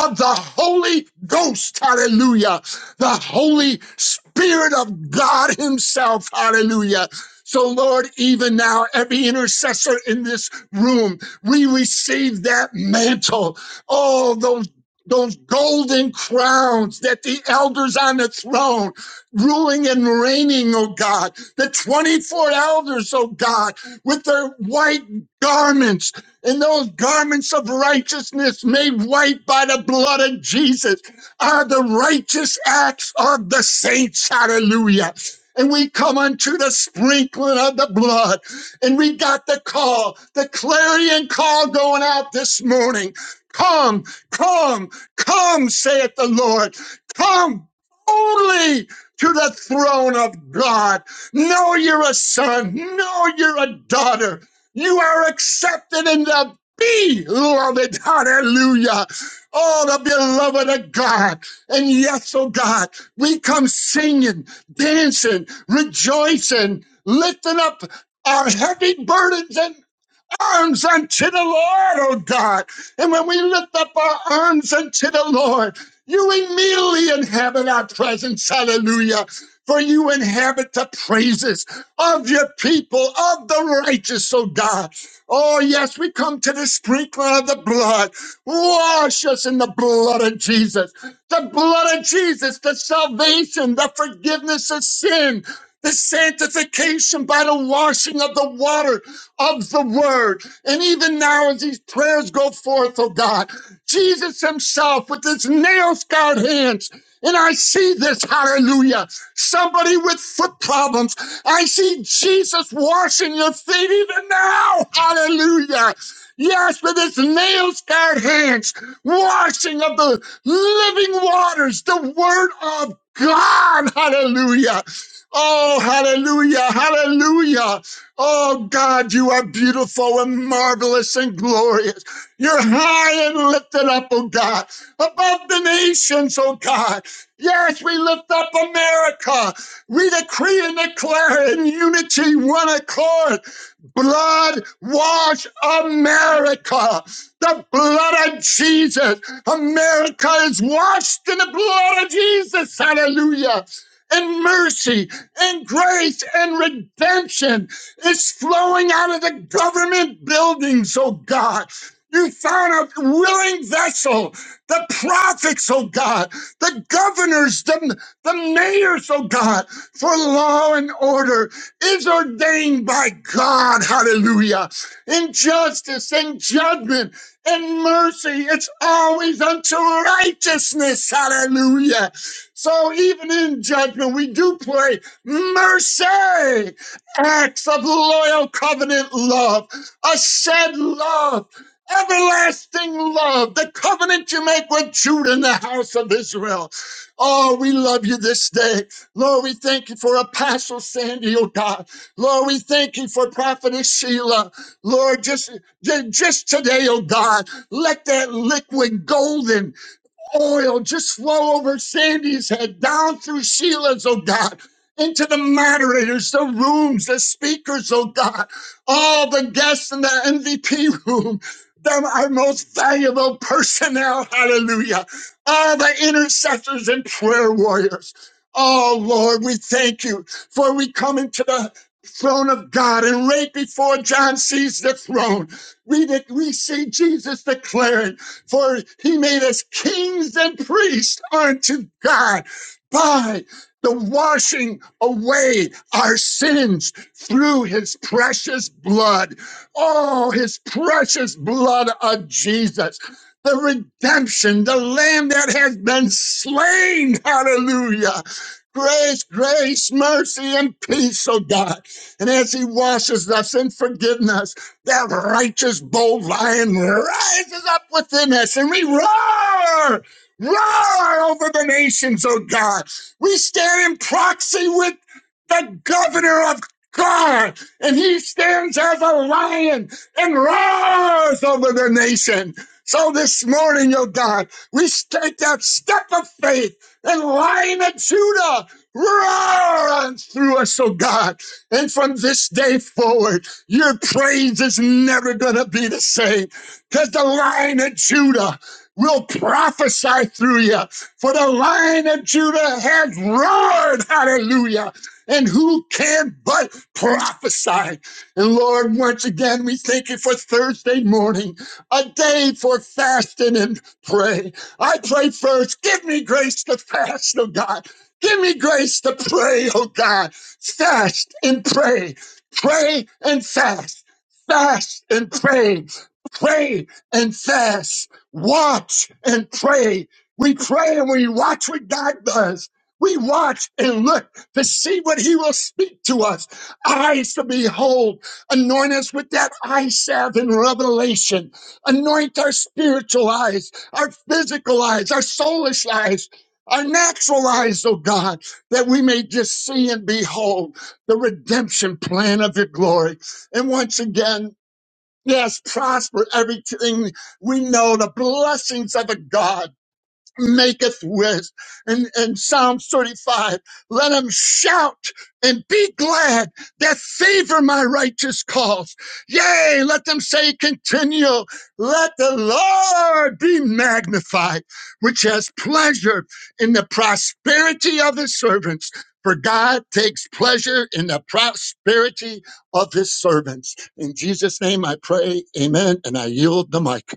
of the Holy Ghost. Hallelujah. The Holy Spirit of God Himself. Hallelujah so, Lord, even now, every intercessor in this room, we receive that mantle. Oh, those. Those golden crowns that the elders on the throne ruling and reigning, oh God, the 24 elders, oh God, with their white garments and those garments of righteousness made white by the blood of Jesus are the righteous acts of the saints. Hallelujah and we come unto the sprinkling of the blood. And we got the call, the clarion call going out this morning. Come, come, come, saith the Lord. Come only to the throne of God. Know you're a son. Know you're a daughter. You are accepted in the beloved. Hallelujah. Oh, the beloved of God. And yes, oh God, we come singing, dancing rejoicing, lifting up our heavy burdens and arms unto the Lord, oh God. And when we lift up our arms unto the Lord, you immediately inhabit our presence. Hallelujah. For you inhabit the praises of your people, of the righteous, oh God. Oh, yes, we come to the sprinkling of the blood. Wash us in the blood of Jesus. The blood of Jesus, the salvation, the forgiveness of sin, the sanctification by the washing of the water of the word. And even now, as these prayers go forth, oh God, Jesus himself with his nail scarred hands. And I see this, hallelujah. Somebody with foot problems. I see Jesus washing your feet even now, hallelujah. Yes, with his nail scarred hands, washing of the living waters, the word of God, hallelujah. Oh, hallelujah, hallelujah. Oh God, you are beautiful and marvelous and glorious. You're high and lifted up, oh God, above the nations, oh God. Yes, we lift up America. We decree and declare in unity, one accord blood wash America. The blood of Jesus. America is washed in the blood of Jesus. Hallelujah. And mercy and grace and redemption is flowing out of the government buildings, oh God. You found a willing vessel, the prophets, oh God, the governors, the, the mayors, oh God, for law and order is ordained by God. Hallelujah. In justice and judgment and mercy, it's always unto righteousness. Hallelujah. So even in judgment, we do play mercy, acts of loyal covenant love, a shed love. Everlasting love, the covenant you make with Judah and the house of Israel. Oh, we love you this day. Lord, we thank you for Apostle Sandy, oh God. Lord, we thank you for Prophetess Sheila. Lord, just, ju- just today, oh God, let that liquid golden oil just flow over Sandy's head, down through Sheila's, oh God, into the moderators, the rooms, the speakers, oh God, all the guests in the MVP room, them our most valuable personnel, hallelujah, all the intercessors and prayer warriors. Oh Lord, we thank you for we come into the throne of God and right before John sees the throne, we, de- we see Jesus declaring, for he made us kings and priests unto God by the washing away our sins through his precious blood. Oh, his precious blood of Jesus. The redemption, the lamb that has been slain. Hallelujah. Grace, grace, mercy, and peace, oh God. And as he washes us in forgiveness, that righteous bold lion rises up within us and we roar, roar over the nations, oh God. We stand in proxy with the governor of God, and he stands as a lion and roars over the nation. So this morning, oh God, we take that step of faith and lion of Judah roars through us, oh God. And from this day forward, your praise is never going to be the same because the lion of Judah will prophesy through you. For the lion of Judah has roared, hallelujah. And who can but prophesy? And Lord, once again, we thank you for Thursday morning, a day for fasting and pray. I pray first, give me grace to fast, oh God. Give me grace to pray, oh God. Fast and pray. Pray and fast, fast and pray Pray and fast. Watch and pray. We pray and we watch what God does. We watch and look to see what he will speak to us. Eyes to behold. Anoint us with that eye salve in revelation. Anoint our spiritual eyes, our physical eyes, our soulish eyes, our natural eyes, oh God, that we may just see and behold the redemption plan of your glory. And once again, Yes, prosper everything. We know the blessings of a God maketh rest. And and Psalm 35, let them shout and be glad that favor my righteous cause. Yea, let them say continual, let the Lord be magnified, which has pleasure in the prosperity of his servants. For God takes pleasure in the prosperity of his servants. In Jesus' name I pray, amen, and I yield the mic.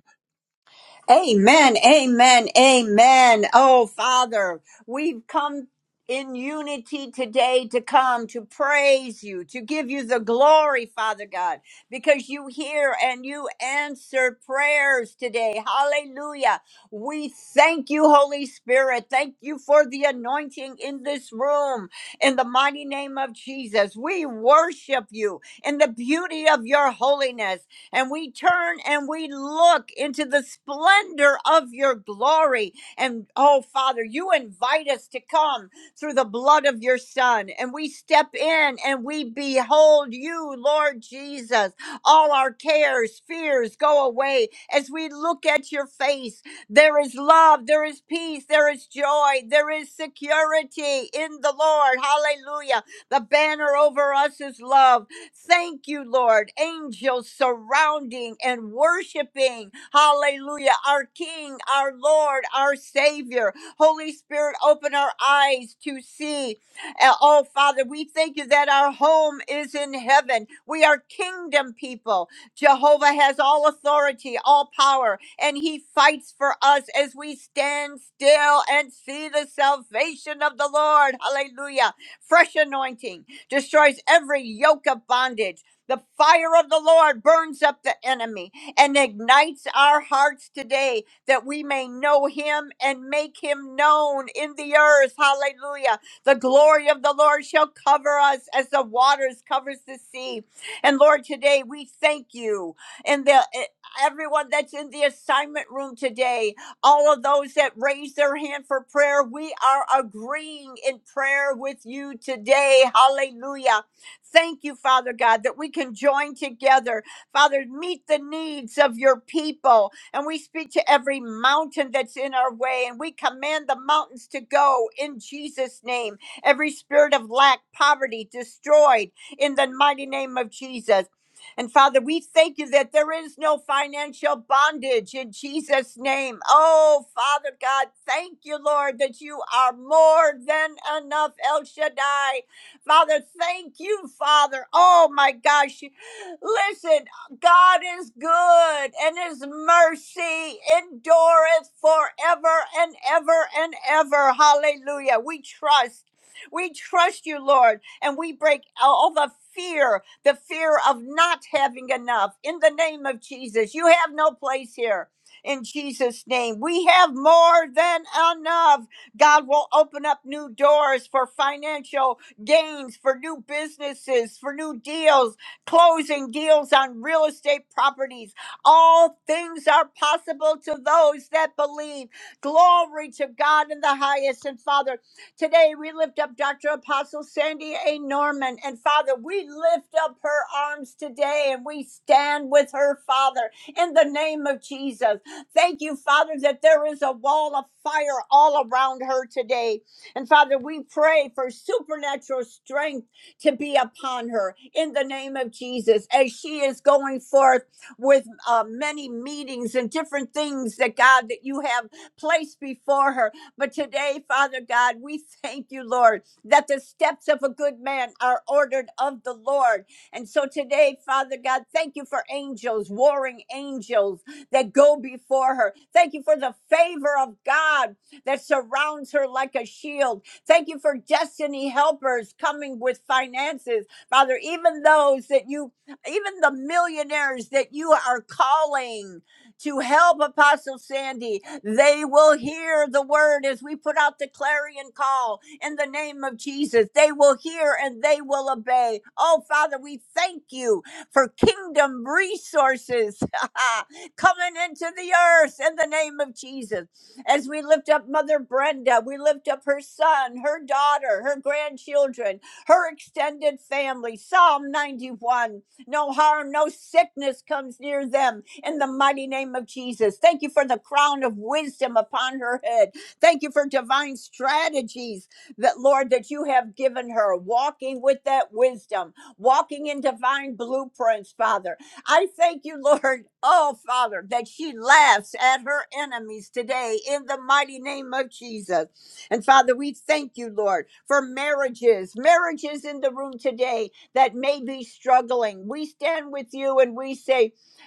Amen, amen, amen. Oh, Father, we've come in unity today to come to praise you, to give you the glory, Father God, because you hear and you answer prayers today. Hallelujah. We thank you, Holy Spirit. Thank you for the anointing in this room. In the mighty name of Jesus, we worship you in the beauty of your holiness and we turn and we look into the splendor of your glory. And oh, Father, you invite us to come through the blood of your Son, and we step in and we behold you, Lord Jesus. All our cares, fears go away as we look at your face. There is love, there is peace, there is joy, there is security in the Lord. Hallelujah. The banner over us is love. Thank you, Lord. Angels surrounding and worshiping. Hallelujah. Our King, our Lord, our Savior. Holy Spirit, open our eyes to see. Uh, Oh, Father, we thank you that our home is in heaven. We are kingdom people. Jehovah has all authority, all power, and he fights for us as we stand still and see the salvation of the Lord. Hallelujah. Fresh anointing destroys every yoke of bondage. The fire of the Lord burns up the enemy and ignites our hearts today that we may know him and make him known in the earth. Hallelujah. The glory of the Lord shall cover us as the waters covers the sea. And Lord, today we thank you and the eh, everyone that's in the assignment room today all of those that raise their hand for prayer. We are agreeing in prayer with you today. Hallelujah. Thank you, Father God, that we can join together. Father, meet the needs of your people. And we speak to every mountain that's in our way, and we command the mountains to go in Jesus' name. Every spirit of lack, poverty, destroyed in the mighty name of Jesus. And Father, we thank you that there is no financial bondage in Jesus' name. Oh, Father God, thank you, Lord, that you are more than enough, El Shaddai. Father, thank you, Father. Oh, my gosh. Listen, God is good and his mercy endureth forever and ever and ever. Hallelujah. We trust. We trust you, Lord and we break all the fear, the fear of not having enough. In the name of Jesus, you have no place here. In Jesus' name, we have more than enough. God will open up new doors for financial gains, for new businesses, for new deals, closing deals on real estate properties. All things are possible to those that believe. Glory to God in the highest. And Father, Today, we lift up Dr. Apostle Sandy A. Norman. And Father, we lift up her arms today and we stand with her, Father, in the name of Jesus. Thank you, Father, that there is a wall of fire all around her today. And Father, we pray for supernatural strength to be upon her in the name of Jesus as she is going forth with uh, many meetings and different things that God that you have placed before her but today, Father God, we thank you, Lord, that the steps of a good man are ordered of the Lord. And so today, Father God, thank you for angels, warring angels that go before her. Thank you for the favor of God that surrounds her like a shield. Thank you for destiny helpers coming with finances. Father, even those that you, even the millionaires that you are calling to help Apostle Sandy, they will hear the word as we put out the clarion call in the name of Jesus. They will hear and they will obey. Oh, Father, we thank you for kingdom resources coming into the earth in the name of Jesus. As we lift up Mother Brenda, we lift up her son, her daughter, her grandchildren, her extended family. Psalm 91 No harm, no sickness comes near them in the mighty name of Jesus. Thank you for the crown of wisdom upon her head. Thank you for divine strategies that, Lord, that you have given her, walking with that wisdom, walking in divine blueprints, Father. I thank you, Lord, oh, Father, that she laughs at her enemies today in the mighty name of Jesus. And Father, we thank you, Lord, for marriages, marriages in the room today that may be struggling. We stand with you and we say,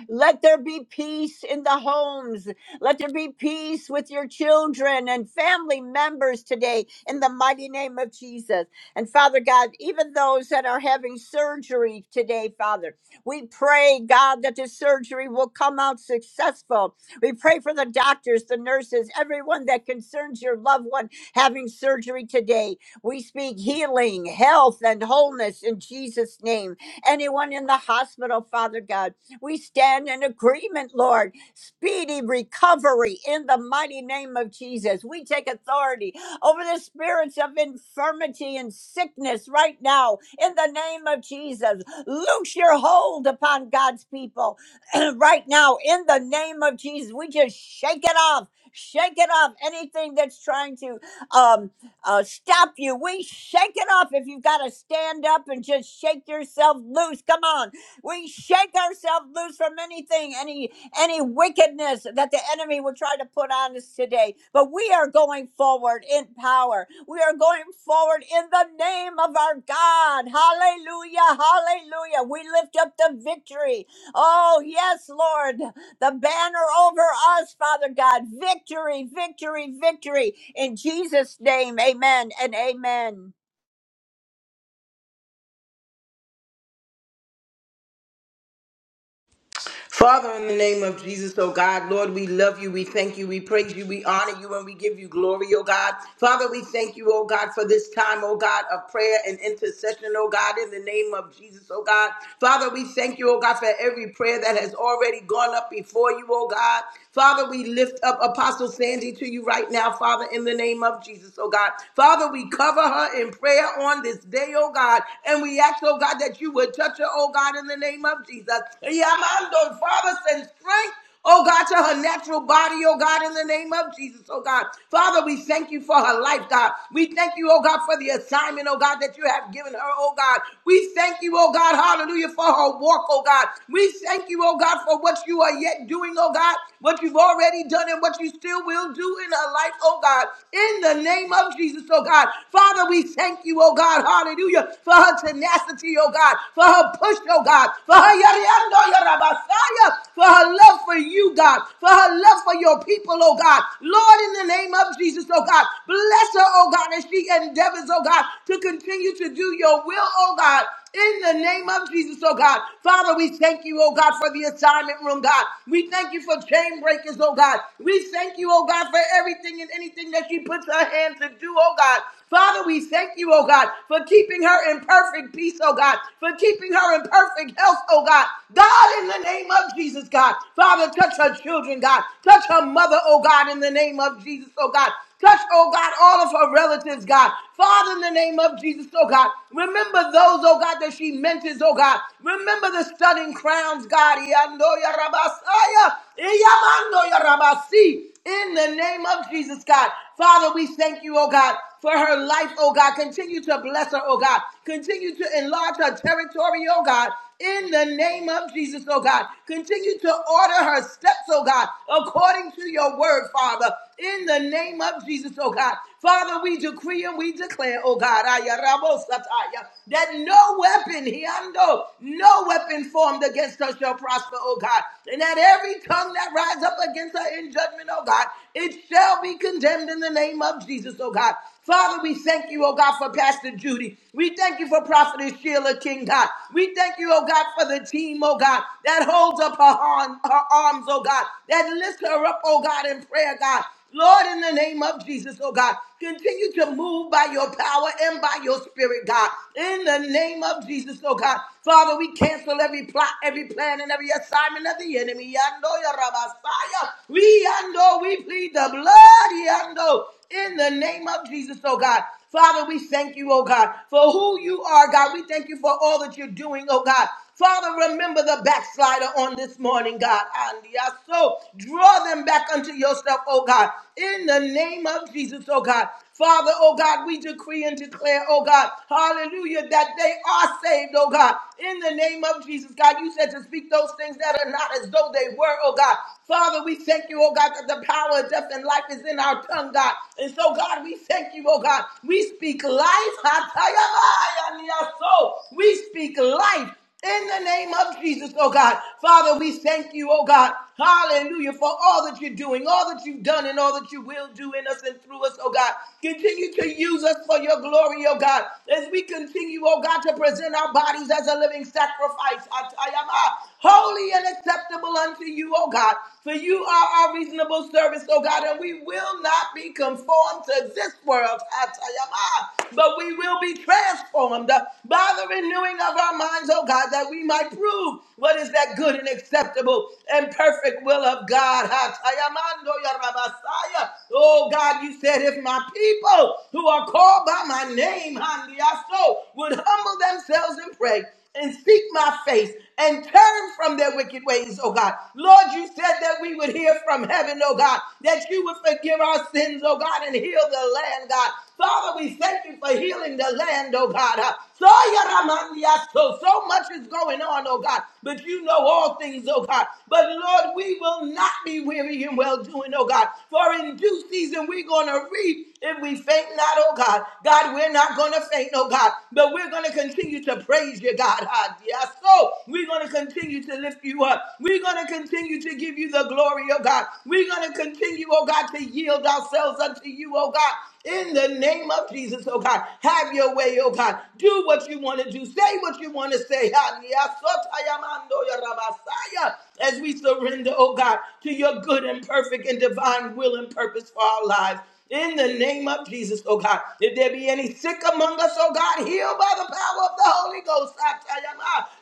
let there be peace in the homes. Let there be peace with your children and family members today in the mighty name of Jesus. And Father God, even those that are having surgery today, Father, we pray, God, that the surgery will come out successful. We pray for the doctors, the nurses, everyone that concerns your loved one having surgery today. We speak healing, health, and wholeness in Jesus' name. Anyone in the hospital, Father God. We stand in agreement, Lord. Speedy recovery in the mighty name of Jesus. We take authority over the spirits of infirmity and sickness right now in the name of Jesus. Loose your hold upon God's people right now in the name of Jesus. We just shake it off. Shake it off. Anything that's trying to um, uh, stop you, we shake it off. If you've got to stand up and just shake yourself loose, come on. We shake ourselves loose from anything, any any wickedness that the enemy will try to put on us today. But we are going forward in power. We are going forward in the name of our God. Hallelujah. Hallelujah. We lift up the victory. Oh, yes, Lord. The banner over us, Father God. Victory, victory, victory. In Jesus' name. Amen and amen. Father, in the name of Jesus, oh God, Lord, we love you, we thank you, we praise you, we honor you, and we give you glory, oh God. Father, we thank you, oh God, for this time, oh God, of prayer and intercession, oh God, in the name of Jesus, oh God. Father, we thank you, oh God, for every prayer that has already gone up before you, oh God. Father, we lift up Apostle Sandy to you right now, Father, in the name of Jesus, oh God. Father, we cover her in prayer on this day, oh God, and we ask, oh God, that you would touch her, oh God, in the name of Jesus of Jesus. Yamando, Father, send strength Oh God, to her natural body, oh God, in the name of Jesus, oh God. Father, we thank you for her life, God. We thank you, oh God, for the assignment, oh God, that you have given her, oh God. We thank you, oh God, hallelujah, for her walk, oh God. We thank you, oh God, for what you are yet doing, oh God what you've already done and what you still will do in her life, oh God, in the name of Jesus, oh God. Father, we thank you, oh God, hallelujah, for her tenacity, oh God, for her push, oh God, for her yariando, yarabasaya, for her love for you, God, for her love for your people, oh God. Lord, in the name of Jesus, oh God, bless her, oh God, as she endeavors, oh God, to continue to do your will, oh God in the name of Jesus, oh God. Father, we thank you, oh God, for the assignment room, God. We thank you for chain breakers, oh God. We thank you, oh God, for everything and anything that she puts her hand to do, oh God. Father, we thank you, oh God, for keeping her in perfect peace, oh God, for keeping her in perfect health, oh God. God, in the name of Jesus, God. Father, touch her children, God. Touch her mother, oh God, in the name of Jesus, oh God. Touch, oh God, all of her relatives, God. Father, in the name of Jesus, oh God, remember those, oh God, that she mentors, oh God. Remember the stunning crowns, God. Yando ya rabasaya, iyamando ya rabasi. In the name of Jesus, God. Father, we thank you, oh God, for her life, oh God. Continue to bless her, oh God. Continue to enlarge her territory, oh God. In the name of Jesus, oh God. Continue to order her steps, oh God, according to to your word, Father, in the name of Jesus, oh God. Father, we decree and we declare, oh God, that no weapon, hiando, no weapon formed against us shall prosper, oh God. And that every tongue that rise up against us in judgment, oh God, it shall be condemned in the name of Jesus, oh God. Father, we thank you, oh God, for Pastor Judy. We thank you for Prophetess Sheila King, God. We thank you, oh God, for the team, oh God, that holds up her, arm, her arms, oh God, that lifts her up, oh God, in prayer, God. Lord, in the name of Jesus, oh God, continue to move by your power and by your spirit, God. In the name of Jesus, oh God. Father, we cancel every plot, every plan, and every assignment of the enemy. Yando, ya Rabasaya. We yando, we plead the blood, yando. Lord, in the name of Jesus, oh God. Father, we thank you, oh God, for who you are, God. We thank you for all that you're doing, oh God. Father, remember the backslider on this morning, God. And yes, so draw them back unto yourself, oh God, in the name of Jesus, oh God. Father, oh God, we decree and declare, oh God, hallelujah, that they are saved, oh God, in the name of Jesus. God, you said to speak those things that are not as though they were, oh God. Father, we thank you, oh God, that the power of death and life is in our tongue, God. And so, God, we thank you, oh God. We speak life. We speak life. In the name of Jesus, oh God. Father, we thank you, oh God. Hallelujah for all that you're doing, all that you've done, and all that you will do in us and through us, oh God. Continue to use us for your glory, oh God. As we continue, oh God, to present our bodies as a living sacrifice, atayama, holy and acceptable unto you, oh God. For you are our reasonable service, oh God, and we will not be conformed to this world, atayama, but we will be transformed transformed uh, by the renewing of our minds, oh God, that we might prove what is that good and acceptable and perfect will of God. Oh God, you said if my people who are called by my name, would humble themselves and pray and seek my face and turn from their wicked ways, oh God. Lord, you said that we would hear from heaven, oh God, that you would forgive our sins, oh God, and heal the land, God. Father, we thank you for healing the land, oh God. Uh, So, Yaramandia, so so much is going on, oh God, but you know all things, oh God. But Lord, we will not be weary in well doing, oh God. For in due season we're gonna reap if we faint not, oh God. God, we're not gonna faint, oh God, but we're gonna continue to praise you, God. Ah, Yes, so we're gonna continue to lift you up. We're gonna continue to give you the glory, oh God. We're gonna continue, oh God. God, to yield ourselves unto you, oh God. In the name of Jesus, oh God, have your way, oh God. Do what you want to do. Say what you want to say. As we surrender, oh God, to your good and perfect and divine will and purpose for our lives. In the name of Jesus, oh God. If there be any sick among us, oh God, heal by the power of the Holy Ghost.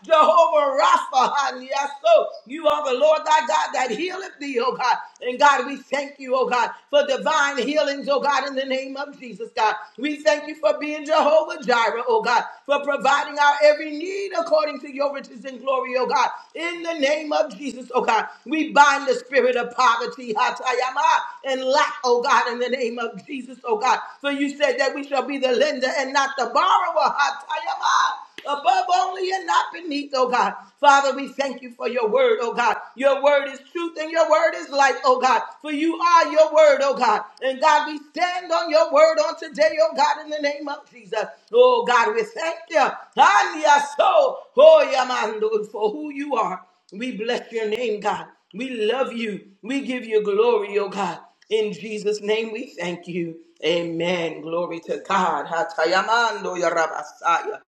Jehovah Rapha, yes, so you are the Lord thy God that healeth thee, oh God. And God, we thank you, oh God, for divine healings, oh God, in the name of Jesus, God. We thank you for being Jehovah Jireh, oh God, for providing our every need according according to your riches and glory, oh God. In the name of Jesus, oh God, we bind the spirit of poverty, Hatayama, and lack, oh God, in the name of Jesus, oh God. For you said that we shall be the lender and not the borrower, Hatayama above only and not beneath, oh God. Father, we thank you for your word, oh God. Your word is truth and your word is life, oh God. For you are by your word, oh God. And God, we stand on your word on today, oh God, in the name of Jesus. Oh God, we thank you. And your soul, oh yeah, for who you are. We bless your name, God. We love you. We give you glory, oh God. In Jesus' name we thank you. Amen. Glory to God. Hatayamando ya rabasaya.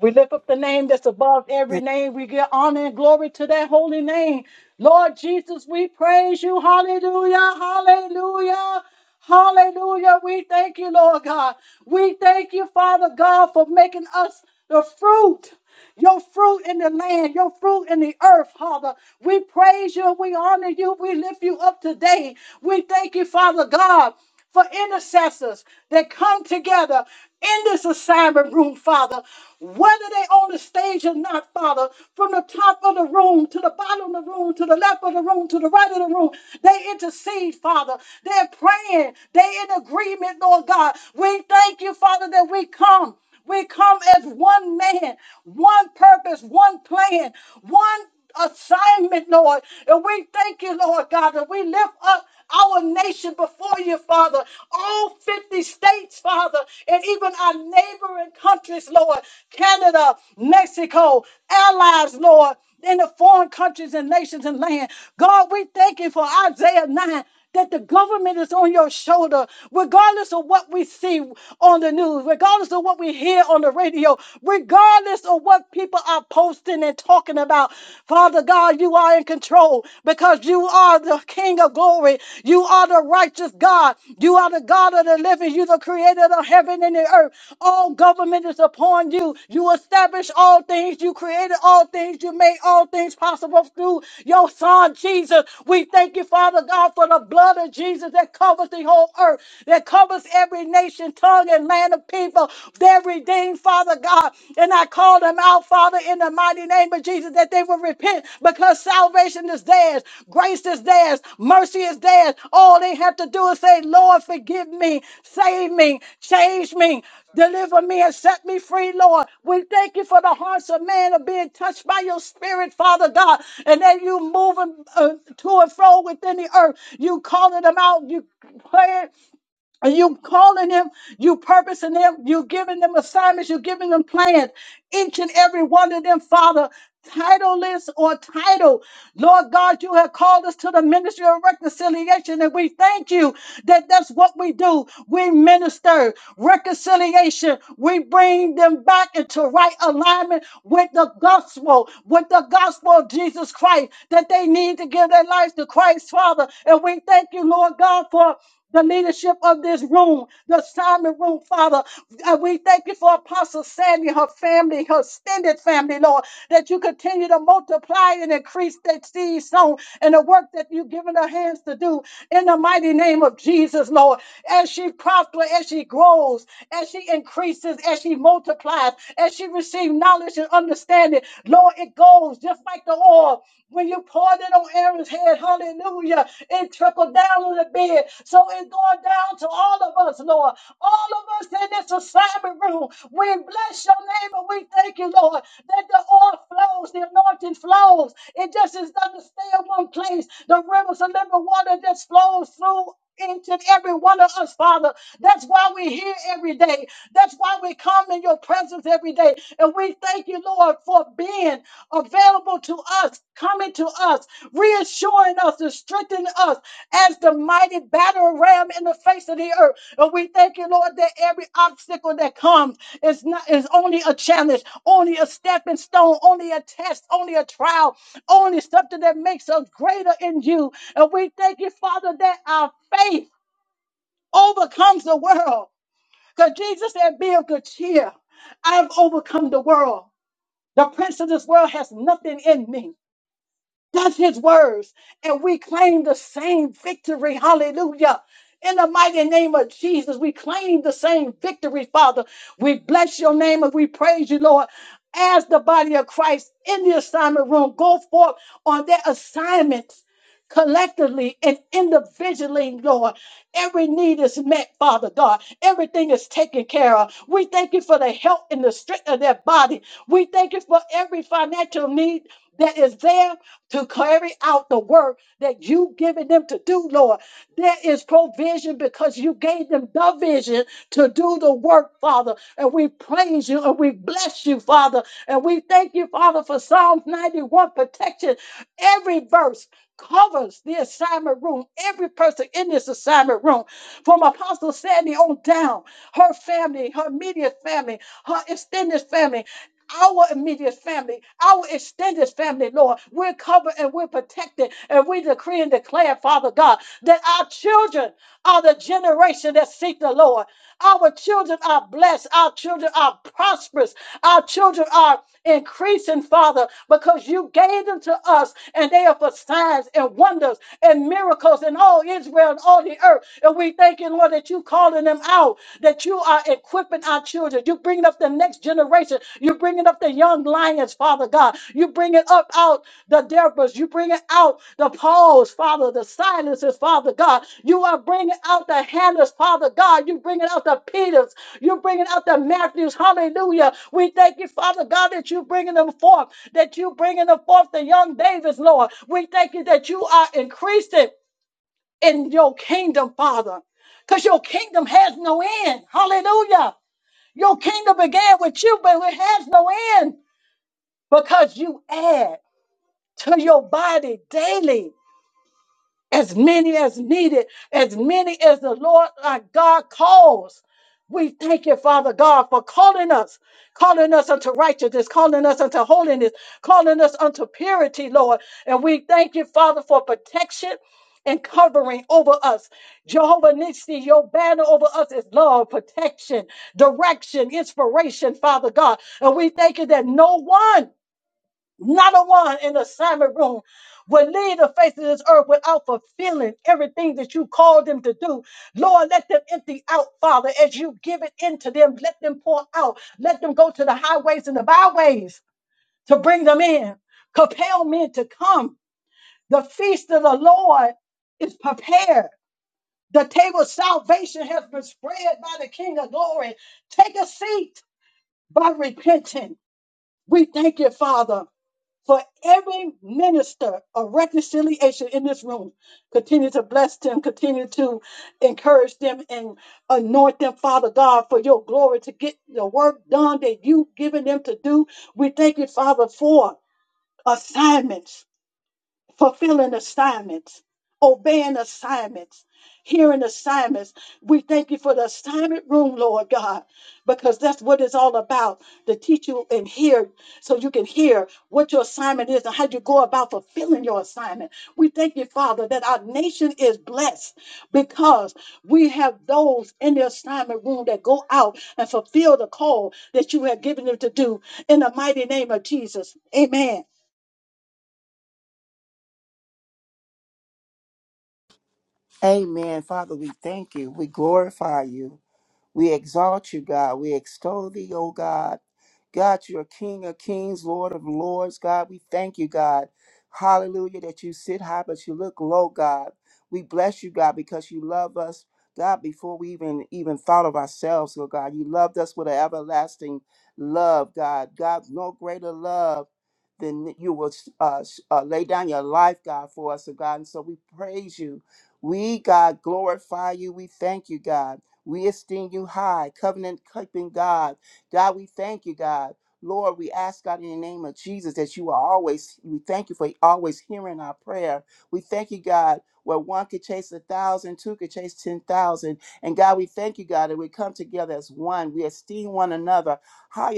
We lift up the name that's above every name. We give honor and glory to that holy name. Lord Jesus, we praise you. Hallelujah. Hallelujah. Hallelujah. We thank you, Lord God. We thank you, Father God, for making us the fruit your fruit in the land, your fruit in the earth, Father. We praise you, we honor you, we lift you up today. We thank you, Father God, for intercessors that come together in this assignment room, Father. Whether they on the stage or not, Father, from the top of the room to the bottom of the room, to the left of the room, to the right of the room, they intercede, Father. They're praying. They're in agreement, Lord God. We thank you, Father, that we come. We come as one man, one purpose, one plan, one assignment, Lord. And we thank you, Lord God, that we lift up our nation before you, Father. All 50 states, Father, and even our neighboring countries, Lord. Canada, Mexico, allies, Lord. In the foreign countries and nations and land. God, we thank you for Isaiah 9 that the government is on your shoulder, regardless of what we see on the news, regardless of what we hear on the radio, regardless of what people are posting and talking about. Father God, you are in control because you are the King of glory. You are the righteous God. You are the God of the living. You're the creator of heaven and the earth. Oh God. Government is upon you. You establish all things. You created all things. You made all things possible through your son, Jesus. We thank you, Father God, for the blood of Jesus that covers the whole earth, that covers every nation, tongue, and land of people. They're redeemed, Father God. And I call them out, Father, in the mighty name of Jesus, that they will repent because salvation is theirs, grace is theirs, mercy is theirs. All they have to do is say, Lord, forgive me, save me, change me, Deliver me and set me free, Lord. We thank you for the hearts of man are being touched by your spirit, Father God. And then you moving uh, to and fro within the earth. You calling them out. You praying. And you calling them, you purposing them, you giving them assignments, you giving them plans. Each and every one of them, Father, titleless or title. Lord God, you have called us to the ministry of reconciliation, and we thank you that that's what we do. We minister reconciliation. We bring them back into right alignment with the gospel, with the gospel of Jesus Christ, that they need to give their lives to Christ, Father. And we thank you, Lord God, for the leadership of this room, the assignment room, Father. Uh, We thank you for Apostle Sandy, her family, her extended family, Lord, that you continue to multiply and increase that seed sown and the work that you've given her hands to do in the mighty name of Jesus, Lord. As she prospers, as she grows, as she increases, as she multiplies, as she receives knowledge and understanding, Lord, it goes just like the oil. When you poured it on Aaron's head, hallelujah, it trickled down on the bed. So it's going down to all of us, Lord. All of us in this assignment room, we bless your name and we thank you, Lord, that the oil flows, the anointing flows. It just is doesn't stay in one place. The rivers of living water just flows through each and every one of us, Father. That's why we're here every day. That's why we come in your presence every day. And we thank you, Lord, for being available to us, coming to us, reassuring us and strengthening us as the mighty battle ram in the face of the earth. And we thank you, Lord, that every obstacle that comes is not is only a challenge, only a stepping stone, only a test, only a trial, only something that makes us greater in you. And we thank you, Father, that our Faith overcomes the world. Because Jesus said, Be of good cheer. I've overcome the world. The prince of this world has nothing in me. That's his words. And we claim the same victory. Hallelujah. In the mighty name of Jesus, we claim the same victory, Father. We bless your name and we praise you, Lord. As the body of Christ in the assignment room, go forth on their assignments collectively and individually, Lord. Every need is met, Father God. Everything is taken care of. We thank you for the health and the strength of their body. We thank you for every financial need that is there to carry out the work that you've given them to do, Lord. There is provision because you gave them the vision to do the work, Father. And we praise you and we bless you, Father. And we thank you, Father, for Psalms 91 protection. Every verse covers the assignment room, every person in this assignment room, from Apostle Sandy on down, her family, her immediate family, her extended family our immediate family, our extended family, Lord. We're covered and we're protected, and we decree and declare, Father God, that our children are the generation that seek the Lord. Our children are blessed. Our children are prosperous. Our children are increasing, Father, because you gave them to us and they are for signs and wonders and miracles in all Israel and all the earth. And we thank you, Lord, that you calling them out, that you are equipping our children. You bringing up the next generation. you bringing up the young lions, Father God. You bringing up out the Deborahs. You bringing out the Pauls, Father, the silences, Father God. You are bringing out the Hannahs, Father God. You bringing out the Peters. You're bringing out the Matthews. Hallelujah. We thank you, Father God, that you bringing them forth, that you bringing them forth, the young Davids, Lord. We thank you that you are increasing in your kingdom, Father, because your kingdom has no end. Hallelujah. Your kingdom began with you, but it has no end because you add to your body daily. as many as needed, as many as the Lord our God calls. We thank you, Father God, for calling us, calling us unto righteousness, calling us unto holiness, calling us unto purity, Lord. And we thank you, Father, for protection and covering over us. Jehovah Nissi, your banner over us is love, protection, direction, inspiration, Father God. And we thank you that no one not a one in the assignment room will leave the face of this earth without fulfilling everything that you called them to do. Lord, let them empty out, Father, as you give it into them. Let them pour out. Let them go to the highways and the byways to bring them in. Compel men to come. The feast of the Lord is prepared. The table of salvation has been spread by the King of glory. Take a seat by repenting. We thank you, Father for every minister of reconciliation in this room. Continue to bless them, continue to encourage them and anoint them, Father God, for your glory to get the work done that you've given them to do. We thank you, Father, for assignments fulfilling assignments, obeying assignments, hearing assignments. We thank you for the assignment room, Lord God, because that's what it's all about to teach you and hear so you can hear what your assignment is and how you go about fulfilling your assignment. We thank you, Father, that our nation is blessed because we have those in the assignment room that go out and fulfill the call that you have given them to do in the mighty name of Jesus. Amen. Amen. Father, we thank you. We glorify you. We exalt you, God. We extol thee, O God. God, you are King of kings, Lord of lords. God, we thank you, God. Hallelujah, that you sit high, but you look low, God. We bless you, God, because you love us, God, before we even even thought of ourselves, oh God. You loved us with an everlasting love, God. God, no greater love than you will uh, uh, lay down your life, God, for us, oh God. And so we praise you. We, God, glorify you. We thank you, God. We esteem you high, God. God, Lord God, in Jesus, that you are always, we thank you for always hearing our prayer. We thank you, God, where one could chase a thousand, two could chase 10,000. And God, we thank you, God, one, being one another. How,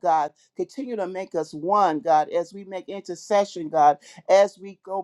God, continue to make us one, God, as we make intercession, God, as we go.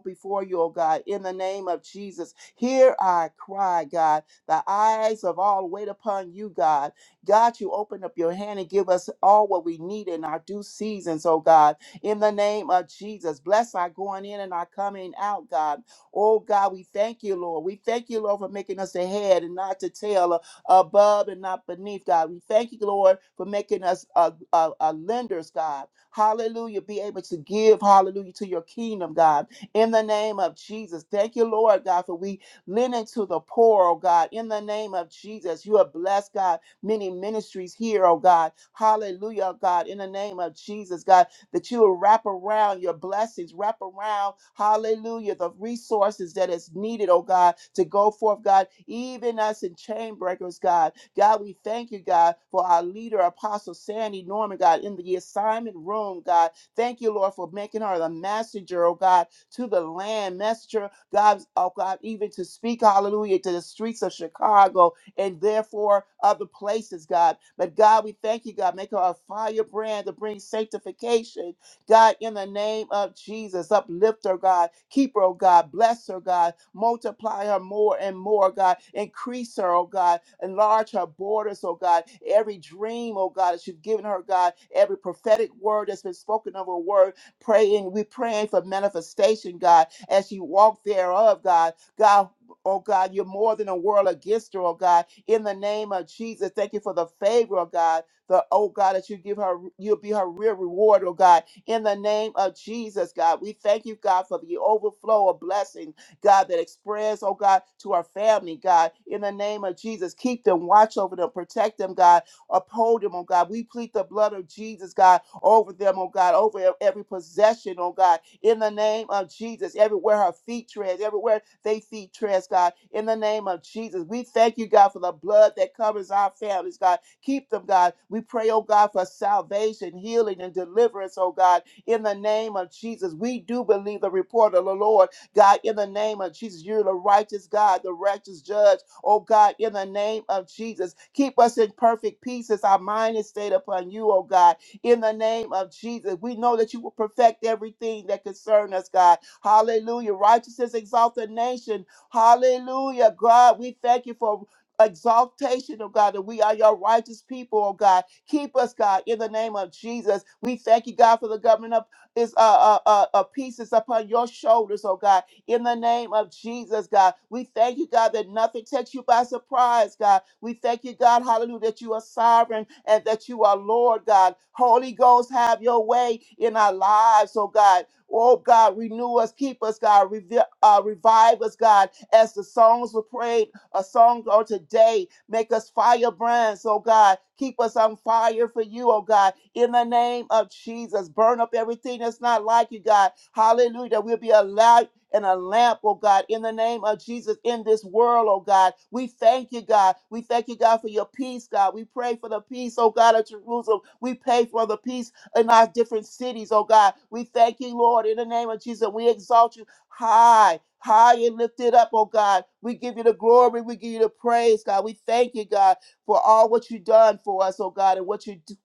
oh God, in the name of Jesus. Hear our cry, God. The eyes of all wait upon you, God. God, you open up your hand and give us all what we need in our due seasons, oh God, in the name of Jesus. Bless our going in and our coming out, God. Oh God, we thank you, Lord. We thank you, Lord, for making us the head and not the tail, uh, above and not beneath, God. We thank you, Lord, for making us uh, uh, uh, lenders, God. Hallelujah. Be able to give, hallelujah, to your kingdom, God in the name of Jesus. Thank you, Lord God, for we lending to the poor, oh God, in the name of Jesus. You have blessed, God, many ministries here, oh God. Hallelujah, oh God, in the name of Jesus, God, that you will wrap around your blessings, wrap around, hallelujah, the resources that is needed, oh God, to go forth, God, even us in chain breakers, God. God, we thank you, God, for our leader, Apostle Sandy Norman, God, in the assignment room, God. Thank you, Lord, for making her the messenger, oh God, to the land, messenger, God, oh God, even to speak, hallelujah, to the streets of Chicago and therefore other places, God. But God, we thank you, God. Make her a firebrand to bring sanctification, God, in the name of Jesus. Uplift her, God. Keep her, oh God. Bless her, God. Multiply her more and more, God. Increase her, oh God. Enlarge her borders, oh God. Every dream, oh God, that you've given her, God. Every prophetic word that's been spoken of her word. Praying, we're praying for manifestation, God, as you walk thereof, God. God, oh God, you're more than a world against her, oh God. In the name of Jesus, thank you for the favor, oh God. The oh God, that you give her, you'll be her real reward, oh God. In the name of Jesus, God, we thank you, God, for the overflow of blessing, God, that express, oh God, to our family, God. In the name of Jesus, keep them, watch over them, protect them, God uphold them, oh God. We plead the blood of Jesus, God, over them, oh God, over e- every possession, oh God, in the name of Jesus, everywhere her feet treads, everywhere they feet treads, God, in the name of Jesus. We thank you, God, for the blood that covers our families, God. Keep them, God. We pray, oh God, for salvation, healing, and deliverance, oh God, in the name of Jesus. We do believe the report of the Lord, God, in the name of Jesus. You're the righteous God, the righteous judge, oh God, in the name of Jesus. Keep us in perfect peace as our mind is stayed upon you, oh God in the name of Jesus. We know that you will perfect everything that concerns us, God. Hallelujah. Righteousness exalt the nation. Hallelujah. God, we thank you for exaltation, oh God, that we are your righteous people, oh God. Keep us, God, in the name of Jesus. We thank you, God, for the government of is uh uh uh, uh pieces upon your shoulders, oh God in the name of Jesus, God. We thank you, God, that nothing takes you by surprise, God. We thank you, God, hallelujah, that you are sovereign and that you are Lord, God. Holy Ghost, have your way in our lives, oh God. Oh God, renew us, keep us, God, revi- uh, revive us, God, as the songs were prayed, a song on today. Make us firebrands, oh God. Keep us on fire for you, oh God. In the name of Jesus, burn up everything that's not like you, God. Hallelujah. We'll be alive and a lamp, oh God, in the name of Jesus in this world, oh God. We thank you, God. We thank you, God, for your peace, God. We pray for the peace, oh God, of Jerusalem. We pray for the peace in our different cities, oh God. We thank you, Lord, in the name of Jesus. We exalt you high, high and lifted up, oh God. We give you the glory. We give you the praise, God. We thank you, God, for all what you've done for us, oh God, and what you do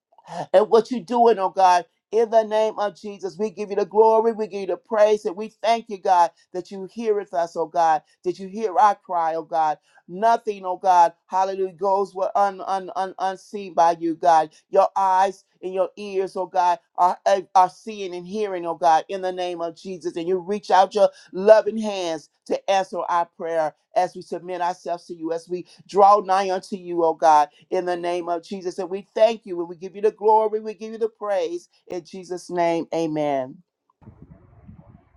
and what you're doing, oh God. In the name of Jesus, we give you the glory, we give you the praise, and we thank you, God, that you heareth us, oh God, that you hear our cry, oh God. Nothing, oh God, hallelujah, goes what un, un, un, unseen by you, God. Your eyes and your ears, oh God, are, are are seeing and hearing, oh God, in the name of Jesus. And you reach out your loving hands to answer our prayer as we submit ourselves to you, as we draw nigh unto you, oh God, in the name of Jesus. And we thank you and we give you the glory, we give you the praise. In Jesus' name, amen.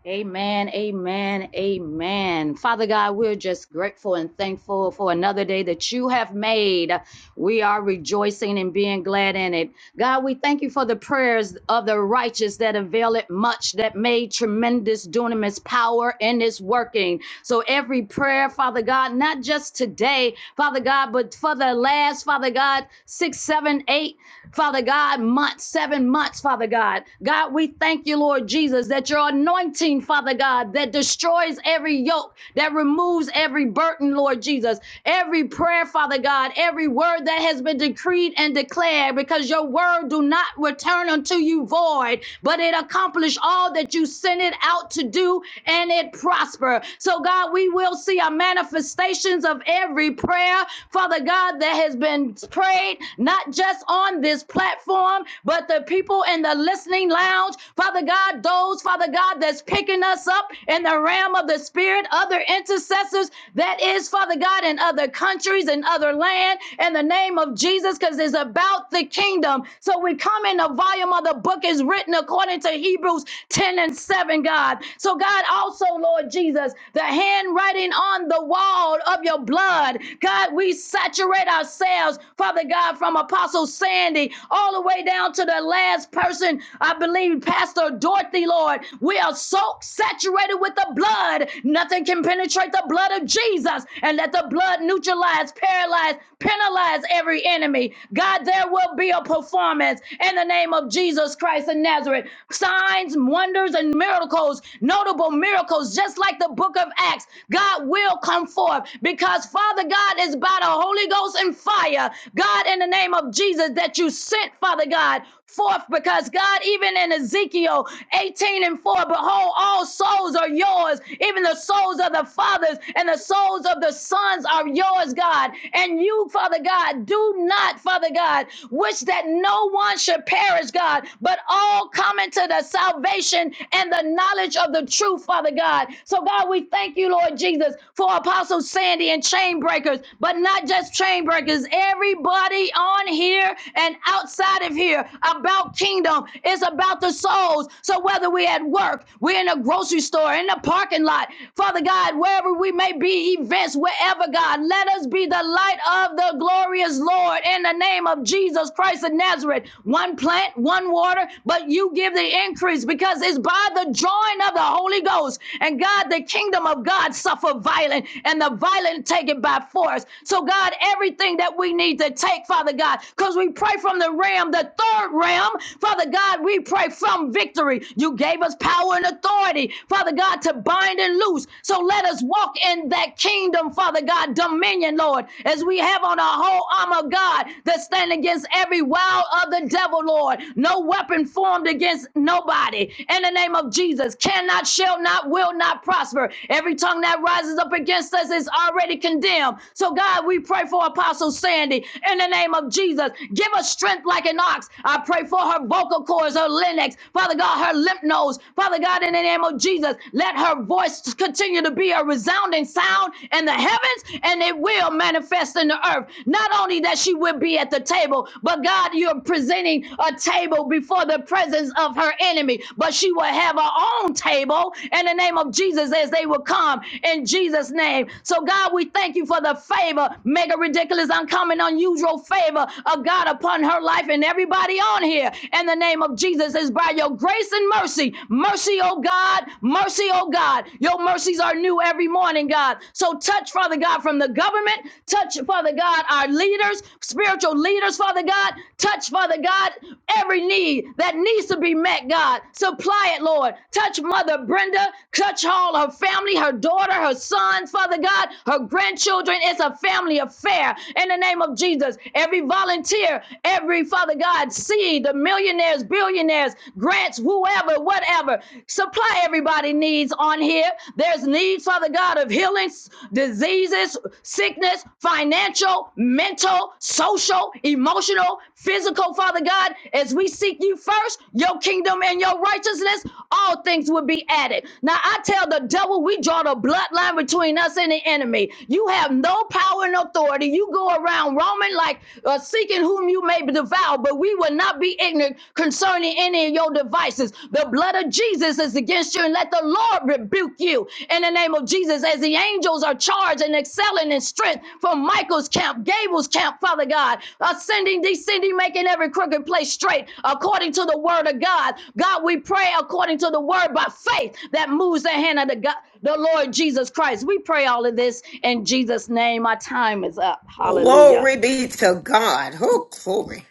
Amen, amen, amen. Father God, we're just grateful and thankful for another day that you have made. We are rejoicing and being glad in it. God, we thank you for the prayers of the righteous that avail it much, that made tremendous dunamis power in its working. So every prayer, Father God, not just today, Father God, but for the last, Father God, six, seven, eight Father God, months, seven months, Father God. God, we thank you, Lord Jesus, that your anointing, Father God, that destroys every yoke, that removes every burden, Lord Jesus, every prayer, Father God, every word that has been decreed and declared, because your word do not return unto you void, but it accomplish all that you sent it out to do and it prosper. So, God, we will see a manifestations of every prayer, Father God, that has been prayed, not just on on this platform, but the people in the listening lounge, Father God, those, Father God, that's picking us up in the realm of the Spirit, other intercessors that is, Father God, in other countries and other land, in the name of Jesus, because it's about the kingdom. So we come in the volume of the book is written according to Hebrews 10 and 7, God. So, God, also, Lord Jesus, the handwriting on the wall of your blood, God, we saturate ourselves, Father God, from Apostle Sandy, all the way down to the last person, I believe, Pastor Dorothy, Lord. We are so saturated with the blood, nothing can penetrate the blood of Jesus. And let the blood neutralize, paralyze, penalize every enemy. God, there will be a performance in the name of Jesus Christ of Nazareth. Signs, wonders, and miracles, notable miracles, just like the book of Acts, God will come forth because Father God is by the Holy Ghost and fire. God, in the name of Jesus. Jesus, that you sent, Father God, forth because God, even in Ezekiel 18 and 4, behold, all souls are yours, even the souls of the fathers and the souls of the sons are yours, God. And you, Father God, do not, Father God, wish that no one should perish, God, but all come into the salvation and the knowledge of the truth, Father God. So, God, we thank you, Lord Jesus, for Apostle Sandy and chain breakers, but not just chain breakers, everybody on here here and outside of here about kingdom. It's about the souls. So whether we're at work, we're in a grocery store, in the parking lot, Father God, wherever we may be, events, wherever, God, let us be the light of the glorious Lord in the name of Jesus Christ of Nazareth. One plant, one water, but you give the increase because it's by the join of the Holy Ghost. And God, the kingdom of God suffer violent, and the violent take it by force. So, God, everything that we need to take, Father God. God, because we pray from the ram, the third ram. Father God, we pray from victory. You gave us power and authority, Father God, to bind and loose. So let us walk in that kingdom, Father God, dominion, Lord, as we have on our whole armor, God, that stand against every wild of the devil, Lord. No weapon formed against nobody. In the name of Jesus, cannot, shall not, will not prosper. Every tongue that rises up against us is already condemned. So, God, we pray for Apostle Sandy in the name of of Jesus. Give her strength like an ox. I pray for her vocal cords, her larynx, Father God, her lymph nodes. Father God, in the name of Jesus, let her voice continue to be a resounding sound in the heavens and it will manifest in the earth. Not only that she will be at the table, but God, you're presenting a table before the presence of her enemy, but she will have her own table in the name of Jesus as they will come in Jesus' name. So, God, we thank you for the favor. Mega ridiculous, uncommon, unusual favor of God upon her life and everybody on here. In the name of Jesus, is by your grace and mercy. Mercy, oh God. Mercy, oh God. Your mercies are new every morning, God. So touch, Father God, from the government. Touch, Father God, our leaders, spiritual leaders, Father God. Touch, Father God, every need that needs to be met, God. Supply it, Lord. Touch Mother Brenda. Touch all her family, her daughter, her sons, Father God, her grandchildren. It's a family affair in the name of Jesus workers, every volunteer, every Father God seed, the millionaires, billionaires, grants, whoever, whatever. Supply everybody needs on here. There's needs, Father God, of healing, diseases, sickness, financial, mental, social, emotional, physical, Father God. As we seek you first, your kingdom and your righteousness, all things will be added. Now I tell the devil, we draw the bloodline between us and the enemy. You have no power and authority. You go around roaming Roman, like uh, seeking whom you may devour, but we will not be ignorant concerning any of your devices. The blood of Jesus is against you, and let the Lord rebuke you in the name of Jesus. As the angels are charged and excelling in strength from Michael's camp, Gable's camp, Father God, ascending, descending, making every crooked place straight according to the word of God. God, we pray according to the word by faith that moves the hand of the God, the Lord Jesus Christ. We pray all of this in Jesus' name. My time is up. Hallelujah. Glory be to God. Who glory.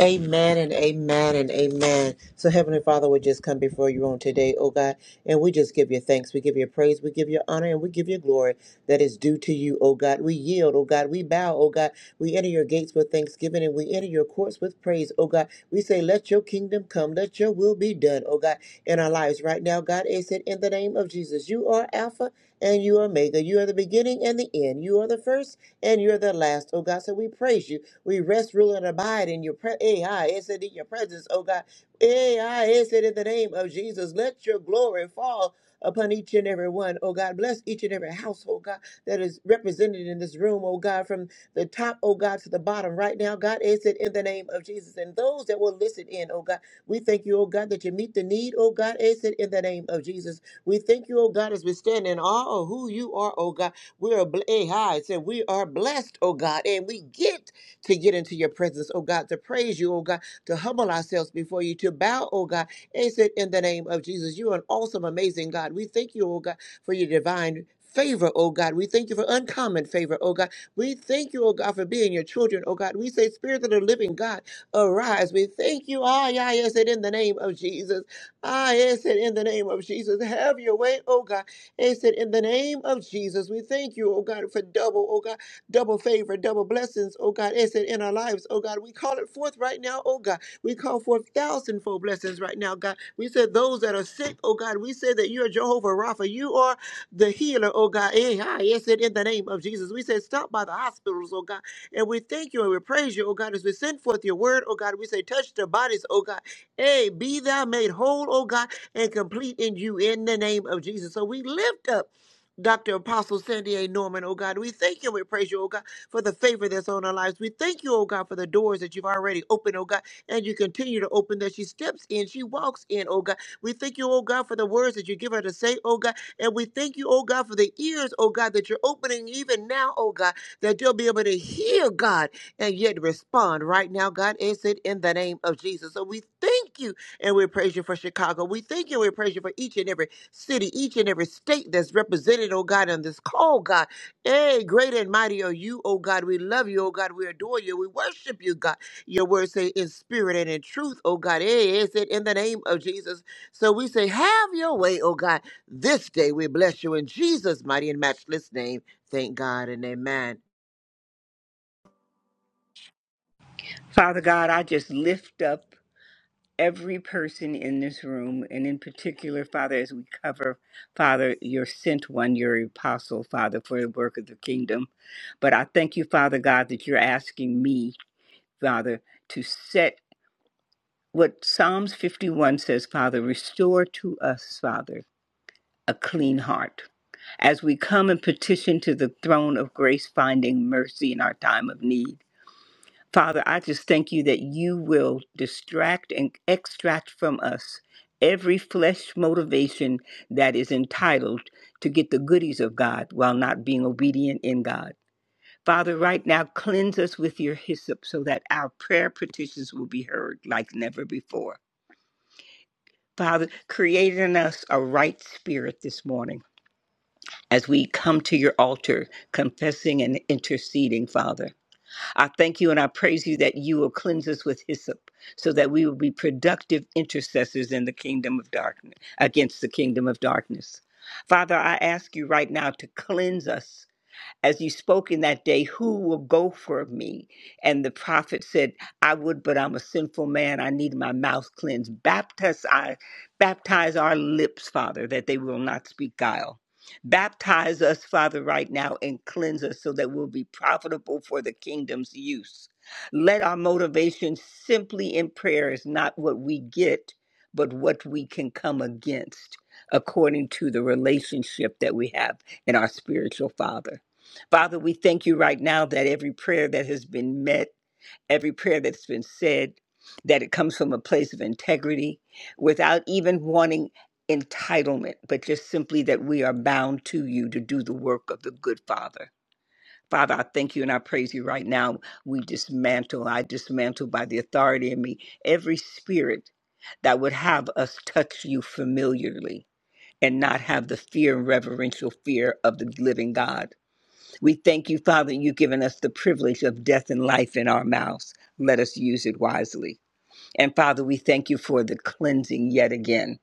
Amen and amen and amen. So, Heavenly Father, we just come before you on today, oh God, and we just give you thanks. We give you praise. We give you honor and we give you glory that is due to you, oh God. We yield, oh God. We bow, oh God. We enter your gates with thanksgiving and we enter your courts with praise, oh God. We say, Let your kingdom come. Let your will be done, oh God, in our lives right now, God. Is it said, in the name of Jesus? You are Alpha and you are Omega. You are the beginning and the end. You are the first and you're the last, oh God. So, we praise you. We rest, rule, and abide in your presence. In your presence, oh God. Eh, ah, It said in the name of Jesus, let your glory fall upon each and every one, oh God. Bless each and every household, God, that is represented in this room, oh God, from the top, oh God, to the bottom right now, God. Is It said in the name of Jesus. And those that will listen in, oh God, we thank you, oh God, that you meet the need, oh God. Is It said in the name of Jesus. We thank you, oh God, as we stand in awe of who you are, oh God. We are bl- eh, hi, it said we are blessed, oh God, and we get to get into your presence, oh God, to praise you, oh God, to humble ourselves before you, to bow, oh God. And said, in the name of Jesus, you are an awesome, amazing God. We thank you, oh God, for your divine favor, oh God. We thank you for uncommon favor, oh God. We thank you, oh God, for being your children, oh God. We say, Spirit of the living God, arise. We thank you, ah, yeah, yes, it in the name of Jesus. Ah, yes, it in the name of Jesus. Have your way, oh God. It's in the name of Jesus. We thank you, oh God, for double, oh God double favor, double blessings, oh God, is it in our lives, oh God. We call it forth right now, oh God. We call forth thousandfold blessings right now, God. We said those that are sick, oh God, we say that you are Jehovah Rapha. You are the healer, oh God. Eh, ah, Yes, it in the name of Jesus. We said stop by the hospitals, oh God. And we thank you and we praise you, oh God, as we send forth your word, oh God. We say touch their bodies, oh God. Hey, be thou made whole, oh God, and complete in you in the name of Jesus. So we lift up. Dr. Apostle Sandy A. Norman, oh God. We thank you and we praise you, oh God, for the favor that's on our lives. We thank you, oh God, for the doors that you've already opened, oh God, and you continue to open that she steps in, she walks in, oh God. We thank you, oh God, for the words that you give her to say, oh God. And we thank you, oh God, for the ears, oh God, that you're opening even now, oh God, that you'll be able to hear, God, and yet respond right now, God. Is it in the name of Jesus? So we thank you and we praise you for Chicago. We thank you and we praise you for each and every city, each and every state that's represented, oh God, on this call, God. Hey, great and mighty are you, oh God. We love you, oh God. We adore you. We worship you, God. Your words say in spirit and in truth, oh God. Hey, is it in the name of Jesus? So we say, have your way, oh God. This day we bless you in Jesus' mighty and matchless name. Thank God and amen. Father God, I just lift up every person in this room, and in particular, Father, as we cover, Father, your sent one, your apostle, Father, for the work of the kingdom. But I thank you, Father God, that you're asking me, Father, to set what Psalms 51 says, Father, restore to us, Father, a clean heart. As we come and petition to the throne of grace, finding mercy in our time of need. Father, I just thank you that you will distract and extract from us every flesh motivation that is entitled to get the goodies of God while not being obedient in God. Father, right now, cleanse us with your hyssop so that our prayer petitions will be heard like never before. Father, create in us a right spirit this morning as we come to your altar, confessing and interceding, Father. I thank you and I praise you that you will cleanse us with hyssop so that we will be productive intercessors in the kingdom of darkness, against the kingdom of darkness. Father, I ask you right now to cleanse us as you spoke in that day, who will go for me? And the prophet said, I would, but I'm a sinful man. I need my mouth cleansed. Baptize, I, baptize our lips, Father, that they will not speak guile. Baptize us, Father, right now and cleanse us so that we'll be profitable for the kingdom's use. Let our motivation simply in prayer is not what we get, but what we can come against according to the relationship that we have in our spiritual Father. Father, we thank you right now that every prayer that has been met, every prayer that's been said, that it comes from a place of integrity without even wanting entitlement, but just simply that we are bound to you to do the work of the good Father. Father, I thank you and I praise you right now. We dismantle, I dismantle by the authority in me every spirit that would have us touch you familiarly and not have the fear and reverential fear of the living God. We thank you, Father, you've given us the privilege of death and life in our mouths. Let us use it wisely. And Father, we thank you for the cleansing yet again,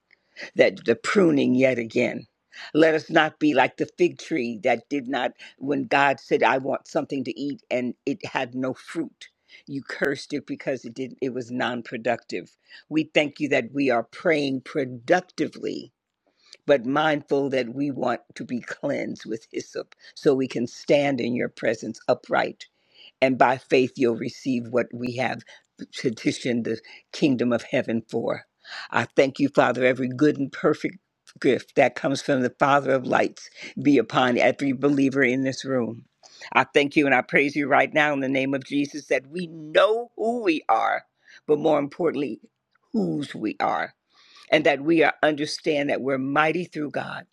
that the pruning yet again. Let us not be like the fig tree that did not, when God said, I want something to eat and it had no fruit. You cursed it because it didn't it was non-productive. We thank you that we are praying productively but mindful that we want to be cleansed with hyssop so we can stand in your presence upright. And by faith, you'll receive what we have petitioned the kingdom of heaven for. I thank you, Father, every good and perfect gift that comes from the Father of lights be upon every believer in this room. I thank you and I praise you right now in the name of Jesus that we know who we are, but more importantly, whose we are and that we are understand that we're mighty through God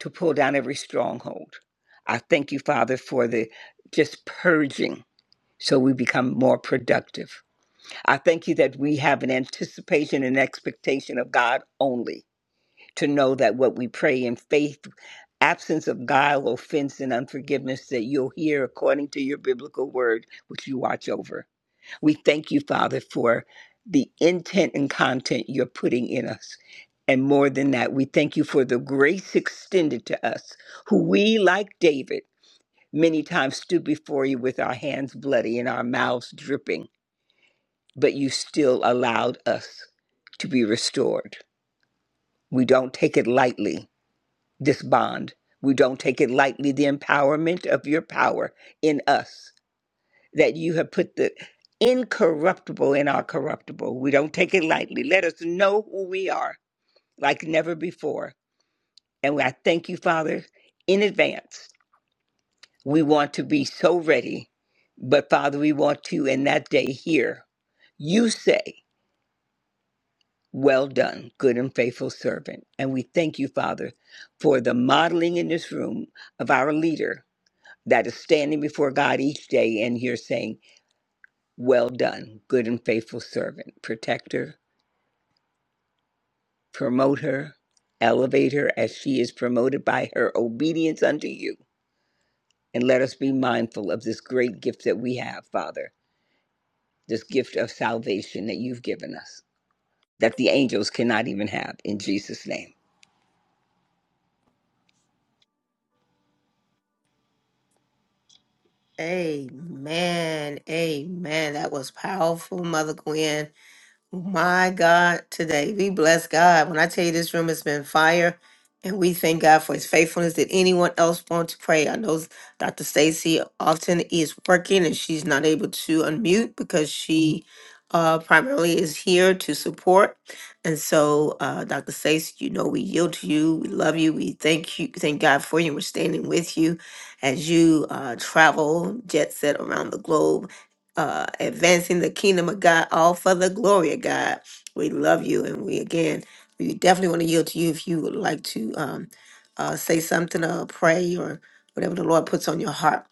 to pull down every stronghold. I thank you, Father, for the just purging so we become more productive. I thank you that we have an anticipation and expectation of God only to know that what we pray in faith, absence of guile, offense, and unforgiveness, that you'll hear according to your biblical word, which you watch over. We thank you, Father, for the intent and content you're putting in us. And more than that, we thank you for the grace extended to us, who we, like David, many times stood before you with our hands bloody and our mouths dripping, but you still allowed us to be restored. We don't take it lightly, this bond. We don't take it lightly, the empowerment of your power in us that you have put the incorruptible in our corruptible. We don't take it lightly. Let us know who we are like never before. And I thank you, Father, in advance. We want to be so ready, but Father, we want you in that day here. You say, Well done, good and faithful servant. And we thank you, Father, for the modeling in this room of our leader that is standing before God each day and here saying, Well done, good and faithful servant. Protect her, promote her, elevate her as she is promoted by her obedience unto you. And let us be mindful of this great gift that we have, Father, this gift of salvation that you've given us, that the angels cannot even have. In Jesus' name. Amen. Amen. That was powerful, Mother Gwen. My God, today we bless God. When I tell you this room has been fire, and we thank God for His faithfulness. Did anyone else want to pray? I know Dr. Stacy often is working and she's not able to unmute because she uh, primarily is here to support. And so, uh, Dr. Stacy, you know we yield to you. We love you. We thank you. Thank God for you. We're standing with you as you uh, travel jet set around the globe uh, advancing the kingdom of God, all for the glory of God. We love you, and we again, we definitely want to yield to you if you would like to um, uh, say something or pray or whatever the Lord puts on your heart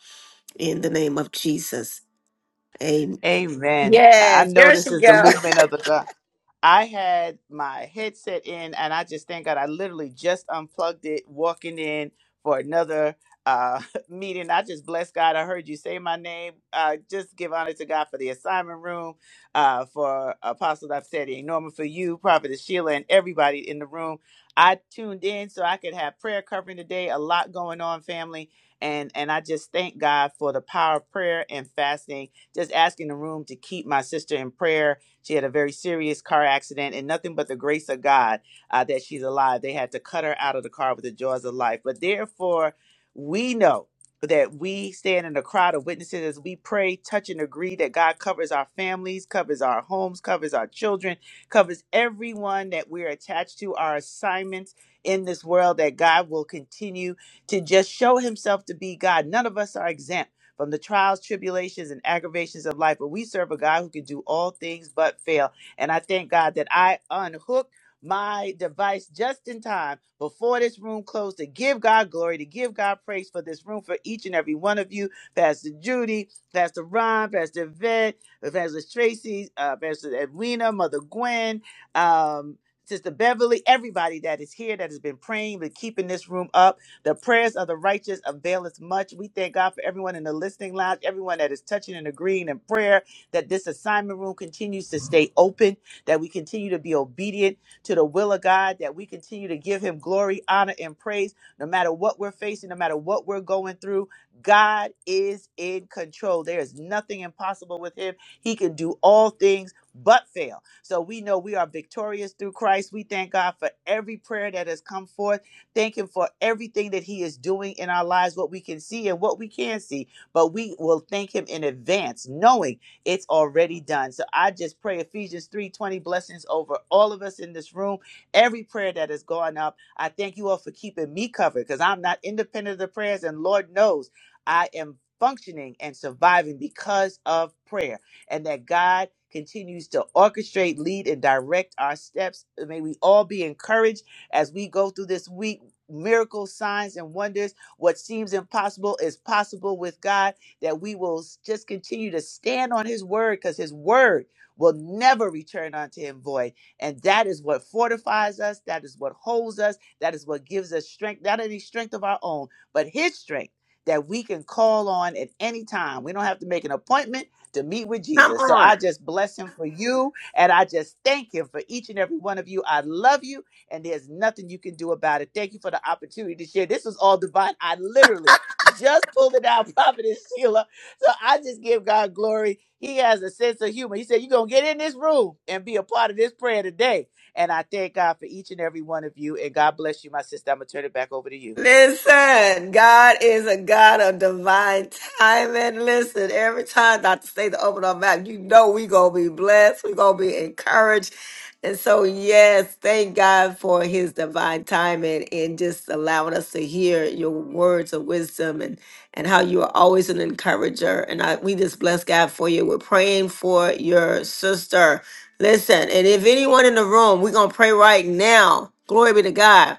in the name of Jesus. Amen. Amen. I Yes, know there this she is the go. movement of the God. I had my headset in, and I just thank God I literally just unplugged it, walking in for another uh, meeting. I just bless God. I heard you say my name. Uh, just give honor to God for the assignment room, uh, for Apostle Dafseti, Norman, for you, Prophetess Sheila, and everybody in the room. I tuned in so I could have prayer covering today. A lot going on, family. And, and I just thank God for the power of prayer and fasting. Just asking the room to keep my sister in prayer she had a very serious car accident, and nothing but the grace of God uh, that she's alive. They had to cut her out of the car with the jaws of life. But therefore, we know that we stand in a crowd of witnesses as we pray, touch, and agree that God covers our families, covers our homes, covers our children, covers everyone that we're attached to, our assignments in this world, that God will continue to just show himself to be God. None of us are exempt from the trials, tribulations, and aggravations of life. But we serve a God who can do all things but fail. And I thank God that I unhooked my device just in time before this room closed to give God glory, to give God praise for this room for each and every one of you. Pastor Judy, Pastor Ron, Pastor Vet, Pastor Tracy, uh, Pastor Edwina, Mother Gwen, um, Sister Beverly, everybody that is here that has been praying, but keeping this room up. The prayers of the righteous availeth much. We thank God for everyone in the listening lounge, everyone that is touching and agreeing in prayer, that this assignment room continues to stay open, that we continue to be obedient to the will of God, that we continue to give Him glory, honor, and praise, no matter what we're facing, no matter what we're going through. God is in control. There is nothing impossible with Him. He can do all things but fail. So we know we are victorious through Christ. We thank God for every prayer that has come forth. Thank Him for everything that He is doing in our lives, what we can see and what we can not see. But we will thank Him in advance, knowing it's already done. So I just pray Ephesians 3:20 blessings over all of us in this room. Every prayer that has gone up, I thank you all for keeping me covered because I'm not independent of the prayers, and Lord knows I am functioning and surviving because of prayer, and that God continues to orchestrate, lead, and direct our steps. May we all be encouraged as we go through this week miracles, signs, and wonders. What seems impossible is possible with God. That we will just continue to stand on His word because His word will never return unto Him void. And that is what fortifies us. That is what holds us. That is what gives us strength, not any strength of our own, but His strength that we can call on at any time. We don't have to make an appointment to meet with Come Jesus. So I just bless Him for you and I just thank Him for each and every one of you. I love you and there's nothing you can do about it. Thank you for the opportunity to share. This was all divine. I literally just pulled it out, Prophetess Sheila. So I just give God glory. He has a sense of humor. He said, You're going to get in this room and be a part of this prayer today. And I thank God for each and every one of you. And God bless you, my sister. I'm going to turn it back over to you. Listen, God is a God of divine timing. Listen, every time Dr. Stay to open our mouth, you know we gonna be blessed. we gonna be encouraged. And so, yes, thank God for his divine timing and just allowing us to hear your words of wisdom and, and how you are always an encourager. And I, we just bless God for you. We're praying for your sister. Listen, and if anyone in the room, we're gonna pray right now. Glory be to God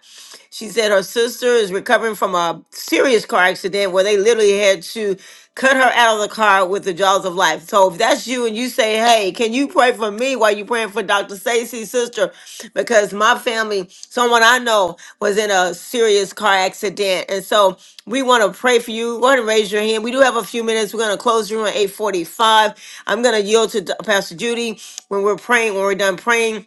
she said her sister is recovering from a serious car accident where they literally had to cut her out of the car with the jaws of life. So if that's you and you say, hey, can you pray for me while you're praying for Dr. Stacy's sister? Because my family, someone I know, was in a serious car accident. And so we want to pray for you. Go ahead and raise your hand. We do have a few minutes. We're going to close the room at 845. I'm going to yield to Pastor Judy when we're praying, when we're done praying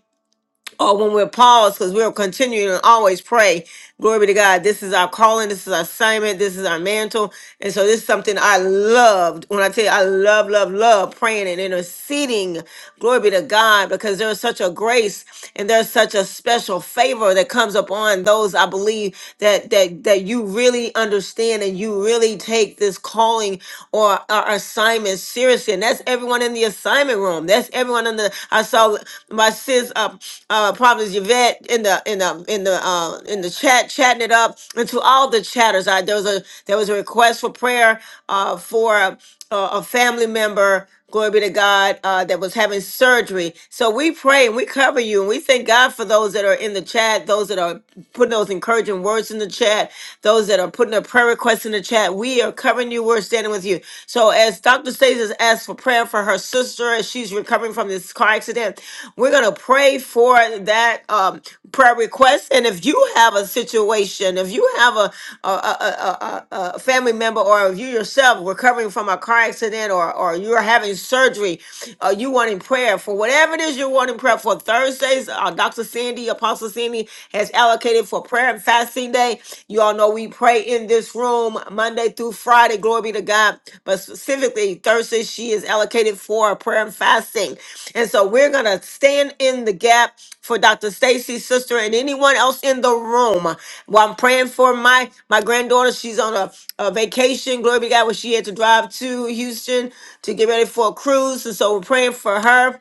or when we're paused, because we'll continue to always pray. Glory be to God. This is our calling. This is our assignment. This is our mantle. And so this is something I loved. When I tell you I love, love, love praying and interceding. Glory be to God, because there's such a grace and there's such a special favor that comes upon those I believe that that that you really understand and you really take this calling or our assignment seriously. And that's everyone everyone in the assignment room. That's everyone in the. I saw my sis, uh, uh, Providence Yvette, in the in the in the uh, in the chat, chatting it up. And to all the chatters, I, there was a there was a request for prayer uh, for a, a family member. Glory be to God uh, that was having surgery. So we pray and we cover you and we thank God for those that are in the chat, those that are putting those encouraging words in the chat, those that are putting a prayer request in the the chat. We are covering you. We're standing with you. So as Dr. Stace has asked for prayer for her sister as she's recovering from this car accident, we're gonna pray for that um, prayer request. And if you have a situation, if you have a a, a, a, a a family member or if you yourself recovering from a car accident or or you're having surgery, uh, you wanting prayer for whatever it is you're wanting prayer for. Thursdays, uh, Dr. Sandy, Apostle Sandy has allocated for prayer and fasting day. You all know we pray in this room Monday through Friday. Glory be to God. But specifically, Thursday, she is allocated for prayer and fasting. And so we're going to stand in the gap for Dr. Stacy's sister and anyone else in the room. While I'm praying for my, my granddaughter, she's on a, a vacation. Glory be to God, where she had to drive to Houston to get ready for a cruise. And so we're praying for her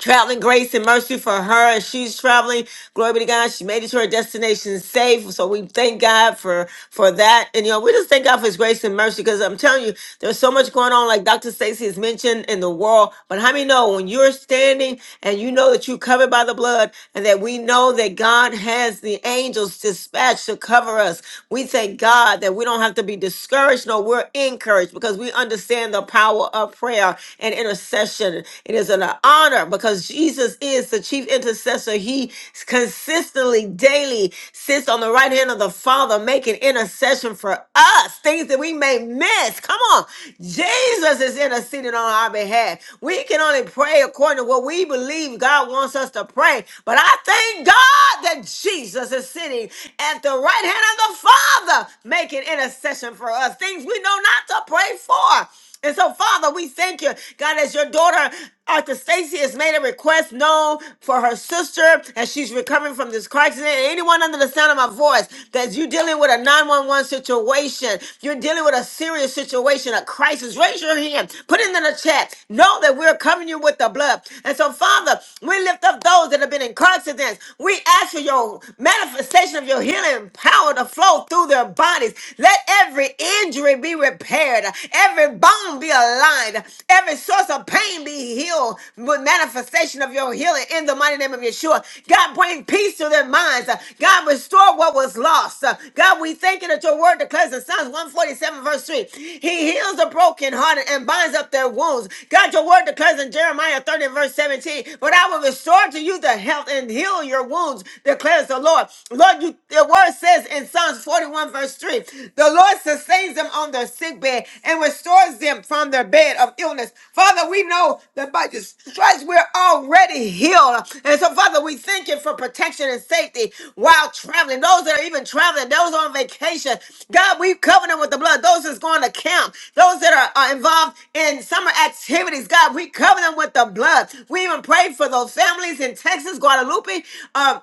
traveling grace and mercy for her as she's traveling. Glory be to God. She made it to her destination safe. So we thank God for for that. And you know, we just thank God for his grace and mercy because I'm telling you, there's so much going on, like Dr. Stacy has mentioned in the world. But how many know when you're standing and you know that you're covered by the blood and that we know that God has the angels dispatched to cover us. We thank God that we don't have to be discouraged. No, we're encouraged because we understand the power of prayer and intercession. It is an honor because Jesus is the chief intercessor. He consistently, daily sits on the right hand of the Father, making intercession for us, things that we may miss. Come on. Jesus is interceding on our behalf. We can only pray according to what we believe God wants us to pray. But I thank God that Jesus is sitting at the right hand of the Father, making intercession for us, things we know not to pray for. And so, Father, we thank you, God, as your daughter, Arthur Stacy, has made a request known for her sister as she's recovering from this car accident. Anyone under the sound of my voice, that you're dealing with a 911 situation, you're dealing with a serious situation, a crisis, raise your hand, put it in the chat. Know that we're covering you with the blood. And so, Father, we lift up those that have been in car accidents. We ask for your manifestation of your healing power to flow through their bodies. Let every every injury be repaired, every bone be aligned, every source of pain be healed with manifestation of your healing in the mighty name of Yeshua. God, bring peace to their minds. God, restore what was lost. God, we thank you that your word declares in Psalms 147, verse 3. He heals the brokenhearted and binds up their wounds. God, your word declares in Jeremiah 30, verse 17, But I will restore to you the health and heal your wounds, declares the Lord. Lord, you, the word says, says in Psalms 41, verse 3, the Lord sustains them on their sick bed and restores them from their bed of illness. Father, we know that by your stripes we're already healed. And so, Father, we thank you for protection and safety while traveling. Those that are even traveling, those on vacation, God, we cover them with the blood. Those that's going to camp, those that are, are involved in summer activities, God, we cover them with the blood. We even pray for those families in Texas, Guadalupe, um,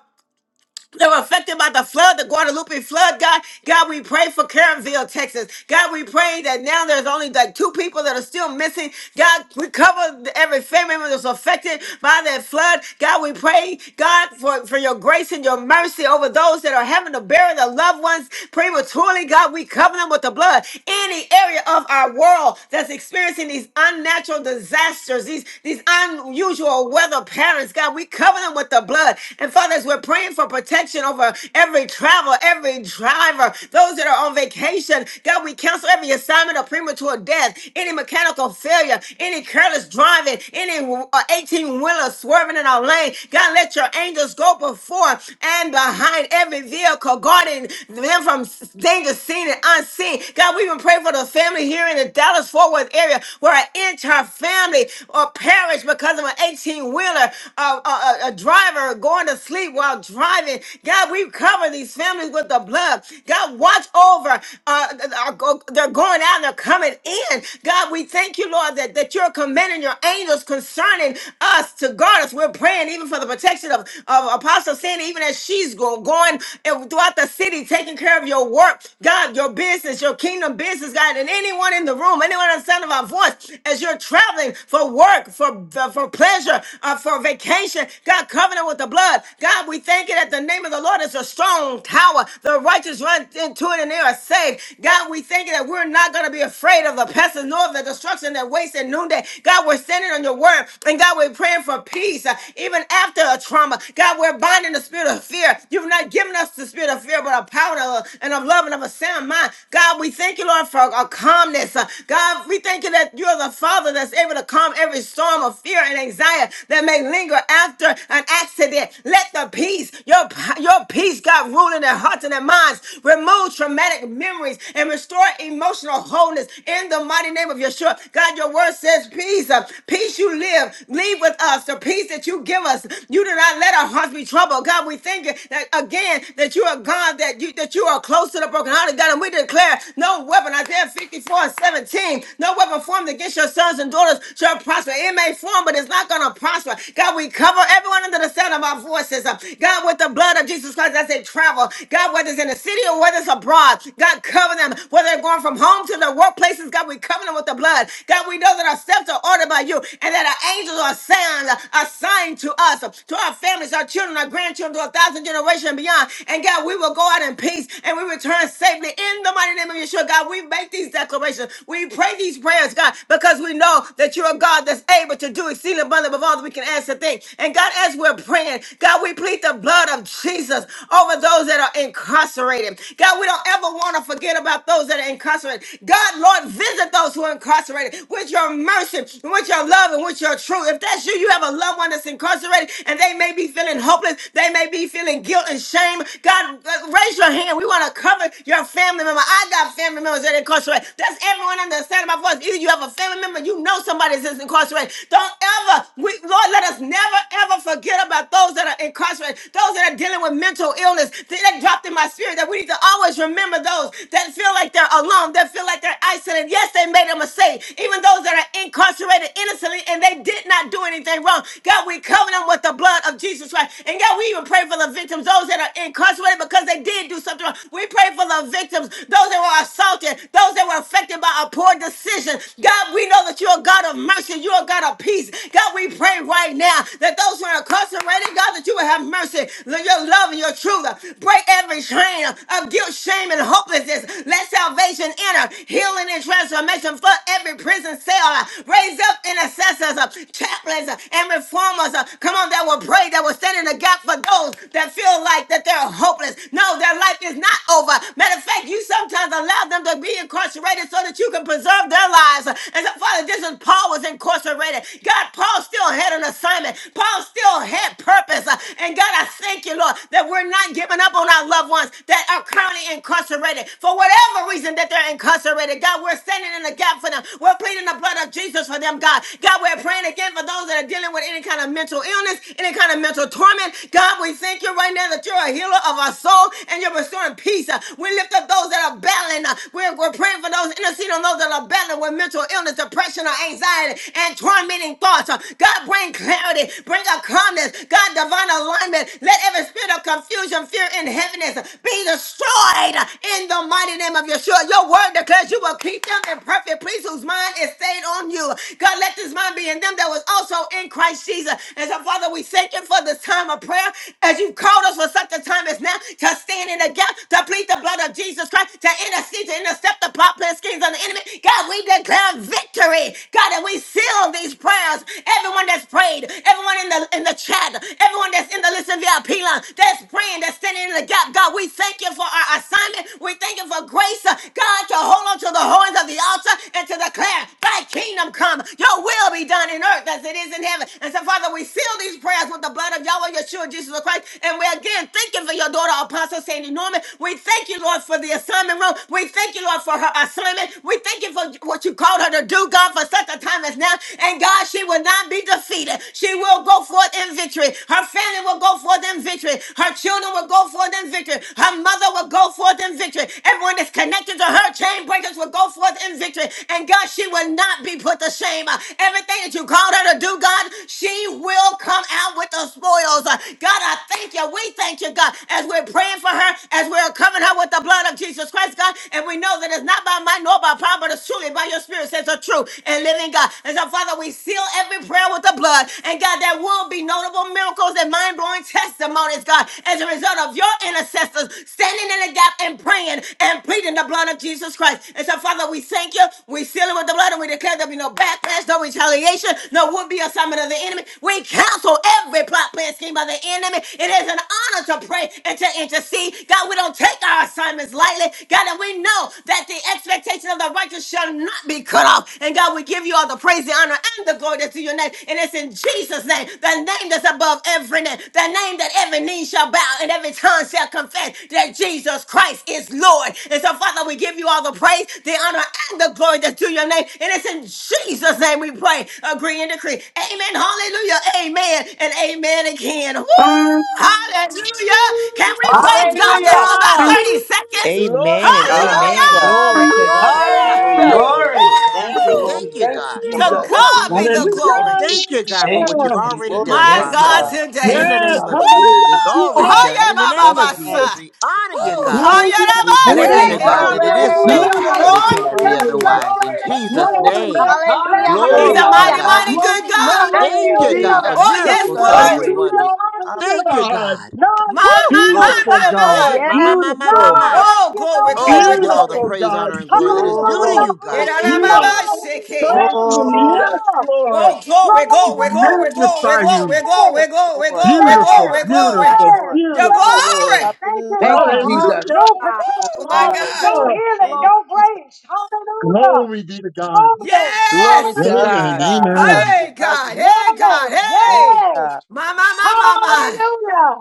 that were affected by the flood, the Guadalupe flood, God. God, we pray for Caronville, Texas. God, we pray that now there's only like two people that are still missing. God, we cover every family member that's affected by that flood. God, we pray, God, for, for your grace and your mercy over those that are having to bury their loved ones prematurely. God, we cover them with the blood. Any area of our world that's experiencing these unnatural disasters, these, these unusual weather patterns, God, we cover them with the blood. And fathers, we're praying praying for protection over every travel, every driver, those that are on vacation. God, we cancel every assignment of premature death, any mechanical failure, any careless driving, any uh, 18 wheeler swerving in our lane. God, let your angels go before and behind every vehicle, guarding them from danger seen and unseen. God, we even pray for the family here in the Dallas Fort Worth area where an entire family or perished because of an 18 wheeler, a, a a driver going to sleep sleep while driving. God, we cover these families with the blood. God, watch over. Uh, th- th- go- they're going out and they're coming in. God, we thank you, Lord, that, that you're commanding your angels concerning us to guard us. We're praying even for the protection of, of Apostle Sandy, even as she's go, going and throughout the city, taking care of your work, God, your business, your kingdom business, God, and anyone in the room, anyone on the sound of our voice, as you're traveling for work, for, for pleasure, uh, for vacation, God, cover them with the blood the blood. God, we thank you that the name of the Lord is a strong tower. The righteous run into it and they are saved. God, we thank you that we're not going to be afraid of the pestilence nor of the destruction that wastes at noonday. God, we're standing on your word. And God, we're praying for peace uh, even after a trauma. God, we're binding the spirit of fear. You've not given us the spirit of fear, but a power of- and of love and of a sound mind. God, we thank you, Lord, for a calmness. Uh, God, we thank you that you're the Father that's able to calm every storm of fear and anxiety that may linger after an accident. Let the peace, your, your peace, God, rule in their hearts and their minds. Remove traumatic memories and restore emotional wholeness in the mighty name of Yeshua. God, your word says peace. uh, Peace you live. Leave with us the peace that you give us. You do not let our hearts be troubled. God, we thank you that again that you are God, that you that you are close to the brokenhearted God. And we declare no weapon, Isaiah 54 and 17, no weapon formed against your sons and daughters shall prosper. It may form, but it's not gonna prosper. God, we cover cover everyone under the sound of our voices. Uh, God, with the blood of Jesus Christ as they travel. God, whether it's in the city or whether it's abroad, God, cover them. Whether they're going from home to their workplaces, God, we cover them with the blood. God, we know that our steps are ordered by you and that our angels are assigned, assigned to us, uh, to our families, our children, our grandchildren, to a thousand generations and beyond. And God, we will go out in peace and we return safely in the mighty name of Yeshua. God, we make these declarations. We pray these prayers, God, because we know that you're a God that's able to do exceeding abundantly above all that we can ask thing. And God, as we're praying, God, we plead the blood of Jesus over those that are incarcerated. God, we don't ever want to forget about those that are incarcerated. God, Lord, visit those who are incarcerated with your mercy, with your love, and with your truth. If that's you, you have a loved one that's incarcerated and they may be feeling hopeless, they may be feeling guilt and shame. God, uh, raise your hand. We want to cover your family member. I got family members that are incarcerated. That's everyone under the sound of my voice. Either you have a family member, you know somebody that's incarcerated. Don't ever, Lord, let us never ever forget about those that are incarcerated, those that are dealing with mental illness. That that dropped in my spirit that we need to always remember those that feel like they're alone, that feel like they're isolated. Yes, they made a mistake. Even those that are incarcerated innocently and they did not do anything wrong. God, we cover them with the blood of Jesus Christ. And God, we even pray for the victims, those that are incarcerated because they did do something wrong. We pray for the victims, those that were assaulted, those that were affected by a poor decision. God, we know that you're a God of mercy. You're a God of peace. God, God, we pray right now that those who are incarcerated, God, that you will have mercy, that your love and your truth break every chain of guilt, shame, and hopelessness. Let salvation enter, healing and transformation flood every prison cell. Raise up intercessors, uh, chaplains, uh, and reformers. uh, Come on, that will pray, that will stand in the gap for those that feel like that they're hopeless. No, their life is not over. Matter of fact, you sometimes allow them to be incarcerated so that you can preserve their lives. And so, Father, this is Paul was incarcerated. God, Paul still had an assignment. Paul still had purpose. Uh, And God, I thank you, Lord, that we're not giving up on our loved ones that are currently incarcerated for whatever reason that they're incarcerated. God, we're standing in the gap for them. We're pleading the blood of Jesus for them, God. God, we're praying again for those that are dealing with any kind of mental illness, any kind of mental torment. God, we thank you right now that you're a healer of our soul and you're restoring peace. Uh, We lift up those that are battling. uh, We're, we're praying for those, interceding on those that are battling with mental illness, depression, or anxiety, mind tormenting thoughts. Uh, God, bring clarity, bring a calmness. God, divine alignment. Let every spirit of confusion, fear, and heaviness be destroyed in the mighty name of Yeshua. Your word declares you will keep them in perfect peace whose mind is stayed on you. God, let this mind be in them that was also in Christ Jesus. And so, Father, we thank you for this time of prayer as you've called us for such a time as now to stand in the gap, to plead the blood of Jesus Christ, to intercede, to intercept the plot, plan schemes of the enemy. God, we declare victory. God, and that we seal these prayers. Everyone that's prayed, everyone in the in the chat, everyone that's in the listen VIP line, that's praying, that's standing in the gap. God, we thank you for our assignment. We thank you for grace, uh, God, to hold on to the horns of the altar and to declare, Thy kingdom come, Your will be done in earth as it is in heaven. And so, Father, we seal these prayers with the blood of Yahweh, Yeshua, Jesus the Christ. And we again thank you for Your daughter, Apostle Sandy Norman. We thank you, Lord, for the assignment room. We thank you, Lord, for her assignment. We thank you for what You called her to do, God for such a time as now. And God, she will not be defeated. She will go forth in victory. Her family will go forth in victory. Her children will go forth in victory. Her mother will go forth in victory. Everyone that's connected to her chain breakers will go forth in victory. And God, she will not be put to shame. Uh, Everything that you called her to do, God, she will come out with the spoils. Uh, God, I thank you. We thank you, God, as we're praying for her, as we're covering her with the blood of Jesus of Jesus Christ, God. And we know that it's not by might nor by power, but it's truly by your spirit, says the true and living God. And so, Father, we seal every prayer with the blood. And God, there will be notable miracles and mind blowing testimonies, God, as a result of your intercessors standing in the gap and praying and pleading the blood of Jesus Christ. And so, Father, we thank you. We seal it with the blood and we declare there be no backlash, no retaliation retaliation, nor would be assignment of the enemy. We cancel every plot, plan, scheme of the enemy. It is an honor to pray and to intercede. God, we don't take our assignments lightly. God, and we know that the expectation of the righteous shall not be cut off. And God, we give you all the praise, the honor, and the glory that's to your name. And it's in Jesus' name, the name that's above every name, the name that every knee shall bow Every tongue shall confess that Jesus Christ is Lord. And so, Father, we give you all the praise, the honor, and the glory that's due your name. And it's in Jesus' name we pray, agree and decree. Amen. Hallelujah. Amen. And amen again. Woo! Hallelujah. Can we praise God just Hallelujah. for about Hallelujah. Hallelujah! 30 seconds? Glory Amen Hallelujah. and to Hallelujah. God. Glory, amen. Glory glory, Glory, to glory, God. Father, we glory. Hallelujah. thank you. We glory. praise Glory. you. We honor Thank Thank you. you, We you, Woo! Lord. thank you, Thank Jesus. you, God. To Jesus. Woo! God be the Woo. Thank glory. you, Lord. Thank you, Thank you, God, for Jesus. Thank what you, you've already Jesus. Glory done, to My your Yes, Father. God, Lord. God. In Thank today. the you, Yes, name of Hallelujah. Jesus, hallelujah, it's Woo! already done. Hiya, In the name Baba Bless of your name. Jesus! Jesus, Basa. we honor God, you, we Woo! God. honor Glory! Hiya, We Baba it bless is Pray, you, you. We Seke. God, give so. you that the it glory. prophetess, is Glory. We give so Hallelujah, Thank Glory! you, pray. and it you the Lord. cannot be praise. hallelujah. God. Bless otherwise. your In Glory. name, Jesus' Woo! Oh, Lord. name, God. Bless Hallelujah, you, Like, He's a glory Hallelujah. to Lord hallelujah. mighty, unlike God. mighty God. you. good Bless you, God. Thank Thank you, you, Glory! God, hallelujah. for Jesus. Oh, We Glory! yes, miracles, signs, Hallelujah. Lord. and praise Glory. you, Hallelujah, wonders. honor Thank you, you. God! God. None Woo! My, like you my, my, Glory. Beautiful nowhere, my, God! Hey, my. Lord. my, my, Yes, my, my, None my, Beautiful! Lord. my. Thank like Oh, you glory, you, Oh, Jesus. nowhere, glory, you get all the glory. Lord. Beautiful praise, God! honor, and glory that is due to Beautiful! Glory, Hallelujah, you, God. glory. Ira, da, Thank You you, hallelujah, Baba Lord. are Seke. Thank you, awesome. Jesus. Yes, hallelujah. Lord. Oh, glory, We glory, glory, glory, Magnify glory, you. Glory. glory, Yes, glory, Lord. Yes, glory, Beautiful, Yes, glory, glory. beautiful, yes, Lord. yes, Your beautiful, yes. Lord. glory. Thank Hallelujah. you, Thank you, Lord. Jesus. Glory, Hallelujah. Your God. Oh, Woo, protection, my God. Glory, We your God. Bless glory, the healing, glory. name of your Jesus. grace. Hallelujah. Glory be to God. Jesus. Glory, Glory Yes. to Love you, Amen. God. God. Love glory. Amen. you. Hey, Love God. you. Hey, God. Yes, Thank you, Hey. yes. God. My, for my, The my, first my, Hallelujah.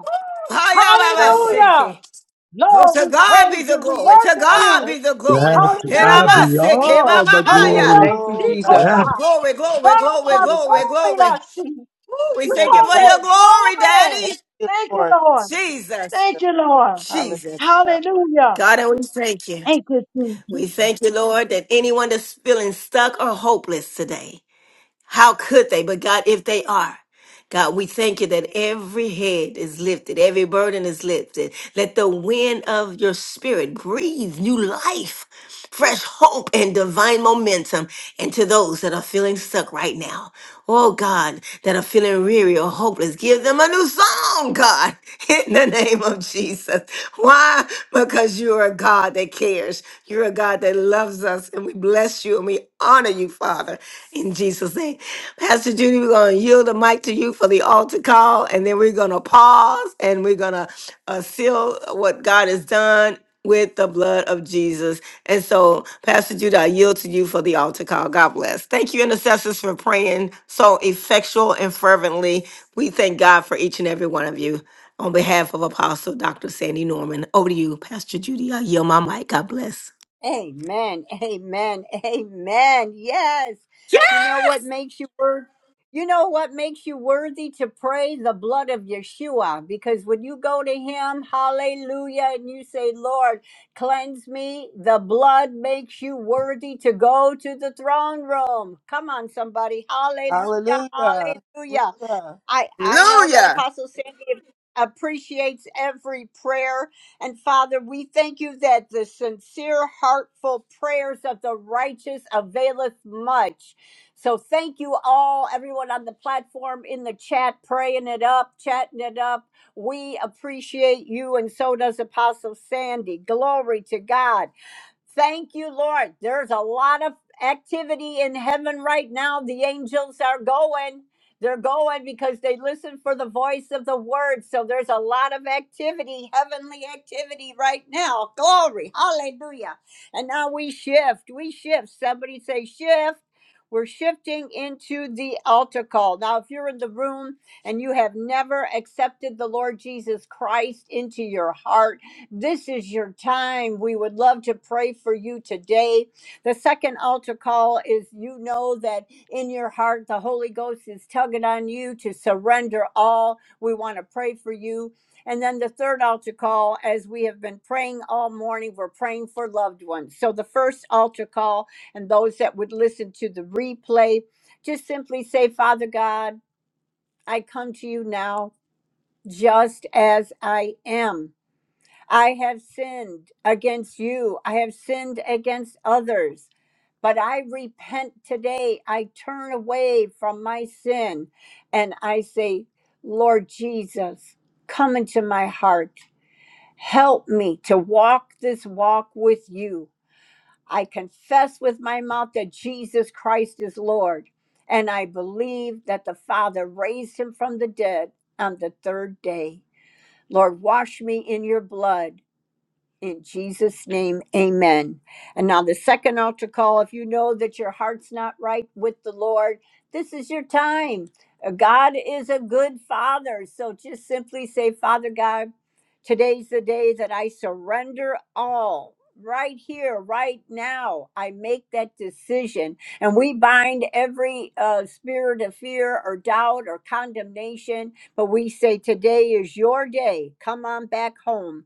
my. ever. Hallelujah. Hayababaseke. Oh, Thank Lord, we to God be praise the you. We you, glory. To worship God. God you. Thank you, be the glory. Yes, God. to And I God be Hallelujah. must say, Oh, all the Maya. glory. Hallelujah. Thank you, oh, See, God. Jesus. Yes. Woo, Kota. glory, glory, glory, Rama, greatest glory, glory. Tomia, see. Woo, we God. thank you Every for your Glory, morning. glory, glory. Daddy. Thank you, Thank you, Lord. Lord. Thank you, Jesus, Thank Jesus. you, Lord. Hallelujah. Jesus. Hallelujah. God, and we thank you. Thank you, Jesus. We thank you, Lord, that anyone that's feeling stuck or hopeless today. How could they? But God, if they are, God, we thank you that every head is lifted, every burden is lifted. Let the wind of your spirit breathe new life, fresh hope, and divine momentum into those that are feeling stuck right now. Oh, God, that are feeling weary or hopeless, give them a new song, God, in the name of Jesus. Why? Because you're a God that cares. You're a God that loves us, and we bless you and we honor you, Father. Father, in Jesus' name. Pastor Judy, we're going to yield the mic to you for the altar call, and then we're going to pause and we're going to uh, seal what God has done with the blood of Jesus. And so, Pastor Judah, I yield to you for the altar call. God bless. Thank you, intercessors, for praying so effectual and fervently. We thank God for each and every one of you. On behalf of Apostle Dr. Sandy Norman, over to you, Pastor Judy. I yield my mic. God bless. Amen. Amen. Amen. Yes. You know what makes you worthy? You know what makes you worthy to pray the blood of Yeshua? Because when you go to him, hallelujah, and you say, Lord, cleanse me, the blood makes you worthy to go to the throne room. Come on, somebody. Hallelujah. Hallelujah. Hallelujah. Hallelujah. I, I know that Apostle Sandy appreciates every prayer. And Father, we thank you that the sincere, heartful prayers of the righteous availeth much. So thank you all, everyone on the platform, in the chat, praying it up, chatting it up. We appreciate you, and so does Apostle Sandy. Glory to God. Thank you, Lord. There's a lot of activity in heaven right now. The angels are going. They're going because they listen for the voice of the word. So there's a lot of activity, heavenly activity right now. Glory. Hallelujah. And now we shift. We shift. Somebody say shift. We're shifting into the altar call. Now, if you're in the room and you have never accepted the Lord Jesus Christ into your heart, this is your time. We would love to pray for you today. The second altar call is you know that in your heart the Holy Ghost is tugging on you to surrender all. We want to pray for you. And then the third altar call, as we have been praying all morning, we're praying for loved ones. So the first altar call, and those that would listen to the replay, just simply say, Father God, I come to you now just as I am. I have sinned against you. I have sinned against others. But I repent today. I turn away from my sin and I say, Lord Jesus, come into my heart. Help me to walk this walk with you. I confess with my mouth that Jesus Christ is Lord. And I believe that the Father raised him from the dead on the third day. Lord, wash me in your blood in Jesus' name, amen. And now, the second altar call if you know that your heart's not right with the Lord, this is your time. Uh, God is a good father. So just simply say, Father God, today's the day that I surrender all. Right here, right now, I make that decision. And we bind every uh, spirit of fear or doubt or condemnation. But we say, Today is your day. Come on back home.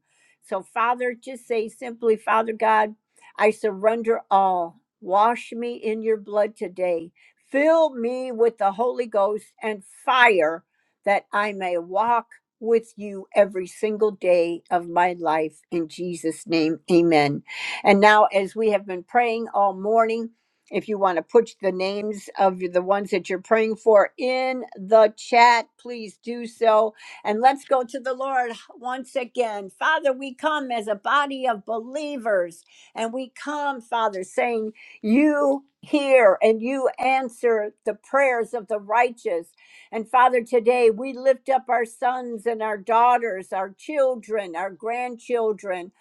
So, Father, just say simply, Father God, I surrender all. Wash me in your blood today. Fill me with the Holy Ghost and fire that I may walk with you every single day of my life. In Jesus' name, amen. And now, as we have been praying all morning, if you want to put the names of the ones that you're praying for in the chat, please do so and let's go to the Lord once again. Father, we come as a body of believers, and we come, Father, saying, You hear and you answer the prayers of the righteous. And Father, today we lift up our sons and our daughters, our children, our grandchildren.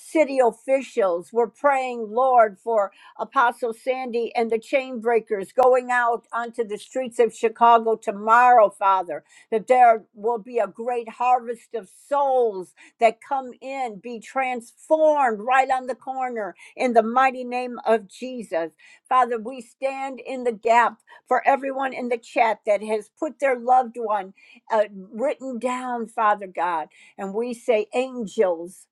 City officials, we're praying, Lord, for Apostle Sandy and the chain breakers going out onto the streets of Chicago tomorrow, Father that there will be a great harvest of souls that come in, be transformed right on the corner in the mighty name of Jesus. Father, we stand in the gap for everyone in the chat that has put their loved one uh, written down, Father God. And we say, angels,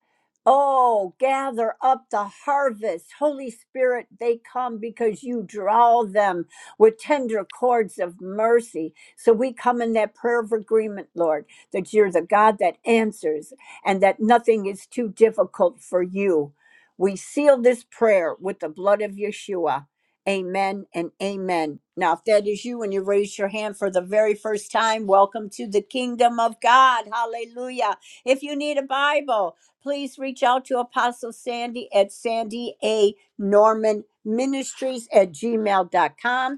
Oh, gather up the harvest. Holy Spirit, they come because you draw them with tender cords of mercy. So we come in that prayer of agreement, Lord, that you're the God that answers and that nothing is too difficult for you. We seal this prayer with the blood of Yeshua. Amen and amen. Now, if that is you and you raise your hand for the very first time, welcome to the kingdom of God. Hallelujah. If you need a Bible, please reach out to Apostle Sandy at Sandy A. Norman Ministries at gmail dot com.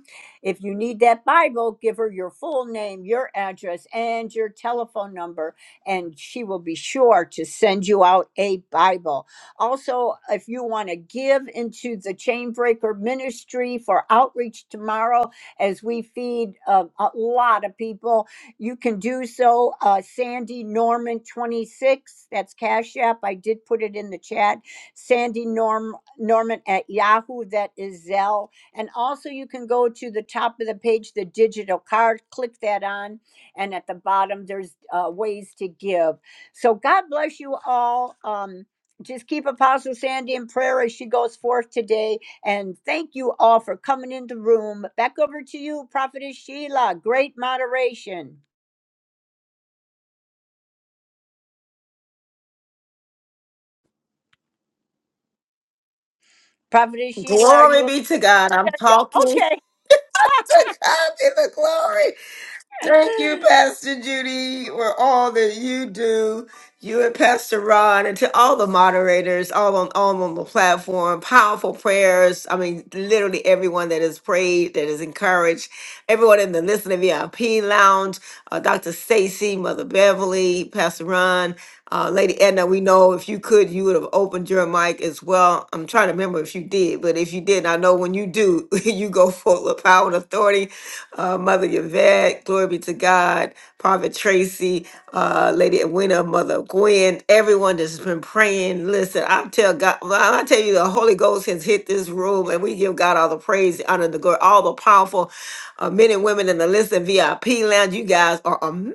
If you need that Bible, give her your full name, your address, and your telephone number, and she will be sure to send you out a Bible. Also, if you want to give into the Chainbreaker Ministry for outreach tomorrow, as we feed uh, a lot of people, you can do so. Uh, Sandy Norman 26, that's Cash App. I did put it in the chat. Sandy Norm Norman at Yahoo, that is Zelle and also, you can go to the top of the page, the digital card, click that on, and at the bottom, there's uh, ways to give. So, God bless you all. Um, just keep Apostle Sandy in prayer as she goes forth today. And thank you all for coming in the room. Back over to you, Prophetess Sheila. Great moderation. Prophetess Sheila, are Glory you be to God. I'm talking available? Okay. to God in the glory. Thank you, Pastor Judy, for all that you do. You and Pastor Ron, and to all the moderators, all on all on the platform, powerful prayers. I mean, literally everyone that has prayed, that is encouraged, everyone in the listening VIP lounge, uh, Dr. Stacy, Mother Beverly, Pastor Ron, uh, Lady Edna. We know if you could, you would have opened your mic as well. I'm trying to remember if you did, but if you didn't, I know when you do, you go full of power and authority. Uh, Mother Yvette, glory be to God, Prophet Tracy, uh, Lady Edwina, Mother Gwen, everyone that's been praying. Listen, I tell God, well, I tell you, the Holy Ghost has hit this room, and we give God all the praise, the honor, and the glory, all the powerful uh, men and women in the Listen VIP lounge. You guys are amazing.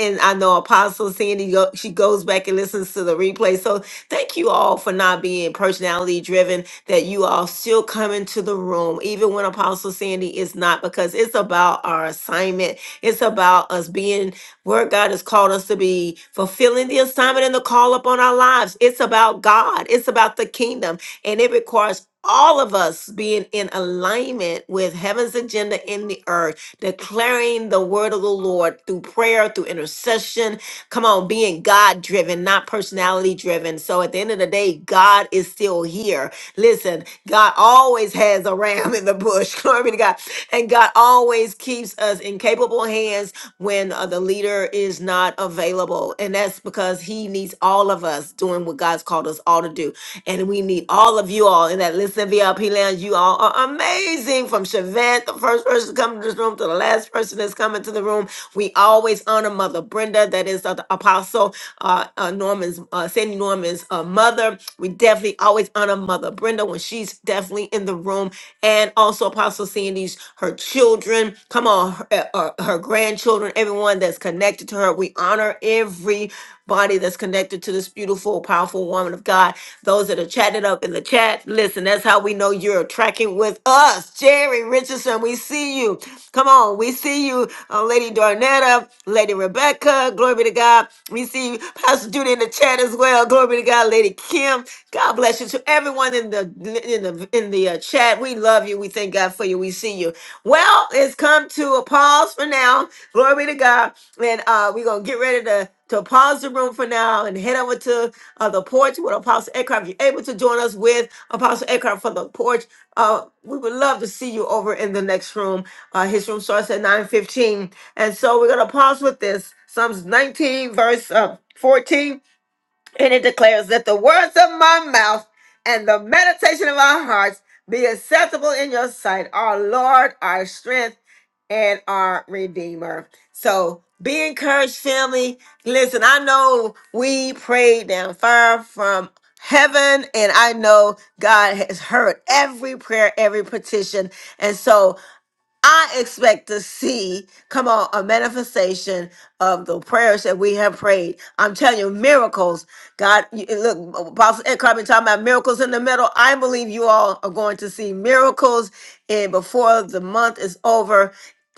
And I know Apostle Sandy, go, she goes back and listens to the replay. So Thank you all for not being personality driven, that you all still come into the room, even when Apostle Sandy is not, because it's about our assignment. It's about us being where God has called us to be, fulfilling the assignment and the call upon our lives. It's about God, it's about the kingdom, and it requires all of us being in alignment with heaven's agenda in the earth, declaring the word of the Lord through prayer, through intercession, Come on, being God driven, not personality driven. So at the end of the day, God is still here. Listen, God always has a ram in the bush. Glory be to God. And God always keeps us in capable hands when uh, the leader is not available. And that's because he needs all of us doing what God's called us all to do. And we need all of you all in that Listen VIP lounge. You all are amazing. From Chevette, the first person to come to this room, to the last person that's coming to the room. We always honor Mother Brenda, that is uh, the Apostle uh, uh, Norman's, uh, Sandy Norman's uh, mother. We definitely always honor Mother Brenda when she's definitely in the room. And also Apostle Sandy's, her children, come on, her, uh, uh, her grandchildren, everyone that's connected to her. We honor every body that's connected to this beautiful, powerful woman of God. Those that are chatting up in the chat, listen, that's how we know you're tracking with us. Jerry Richardson, we see you. Come on, we see you, uh, Lady Darnetta, Lady Rebecca, glory be to God. We see you, Pastor Judy in the chat as well. Glory be to God, Lady Kim. God bless you to everyone in the in the in the uh, chat. We love you. We thank God for you. We see you. Well, it's come to a pause for now. Glory be to God. And uh, we're gonna get ready to to pause the room for now and head over to uh, the porch with Apostle Eckhart. If you're able to join us with Apostle Eckhart for the porch, uh, we would love to see you over in the next room. Uh, his room starts at 9.15. And so we're going to pause with this. Psalms 19, verse uh, 14. And it declares that the words of my mouth and the meditation of our hearts be acceptable in your sight, our Lord, our strength, and our Redeemer. So be encouraged, family. Listen, I know we prayed down far from heaven, and I know God has heard every prayer, every petition. And so I expect to see, come on, a manifestation of the prayers that we have prayed. I'm telling you, miracles. God, you, and look, Apostle Eckhart been talking about miracles in the middle. I believe you all are going to see miracles, and before the month is over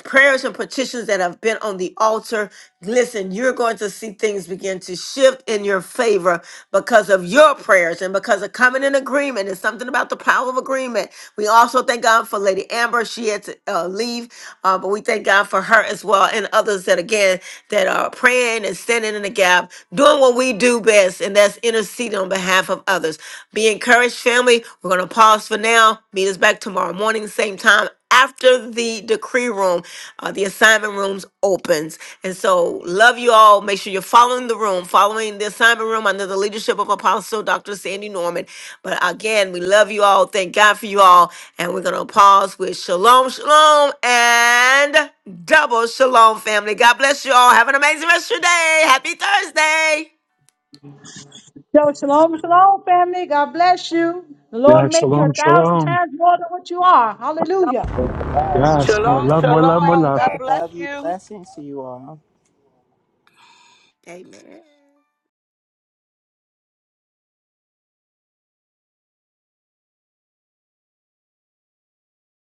prayers and petitions that have been on the altar. Listen, you're going to see things begin to shift in your favor because of your prayers and because of coming in agreement. It's something about the power of agreement. We also thank God for Lady Amber. She had to uh, leave, uh, but we thank God for her as well and others that, again, that are praying and standing in the gap, doing what we do best, and that's interceding on behalf of others. Be encouraged, family. We're going to pause for now. Meet us back tomorrow morning, same time after the decree room, uh, the assignment rooms opens. And so, love you all. Make sure you're following the room, following the assignment room under the leadership of Apostle Dr. Sandy Norman. But again, we love you all. Thank God for you all. And we're going to pause with shalom, shalom, and double shalom, family. God bless you all. Have an amazing rest of your day. Happy Thursday. So shalom, shalom, family. God bless you. The Lord yes. make you a Shalom, thousand shalom. times more than what you are. Hallelujah. Double Yes. More Shalom, love, more love, more break shalom. love. God day. bless you. Amen.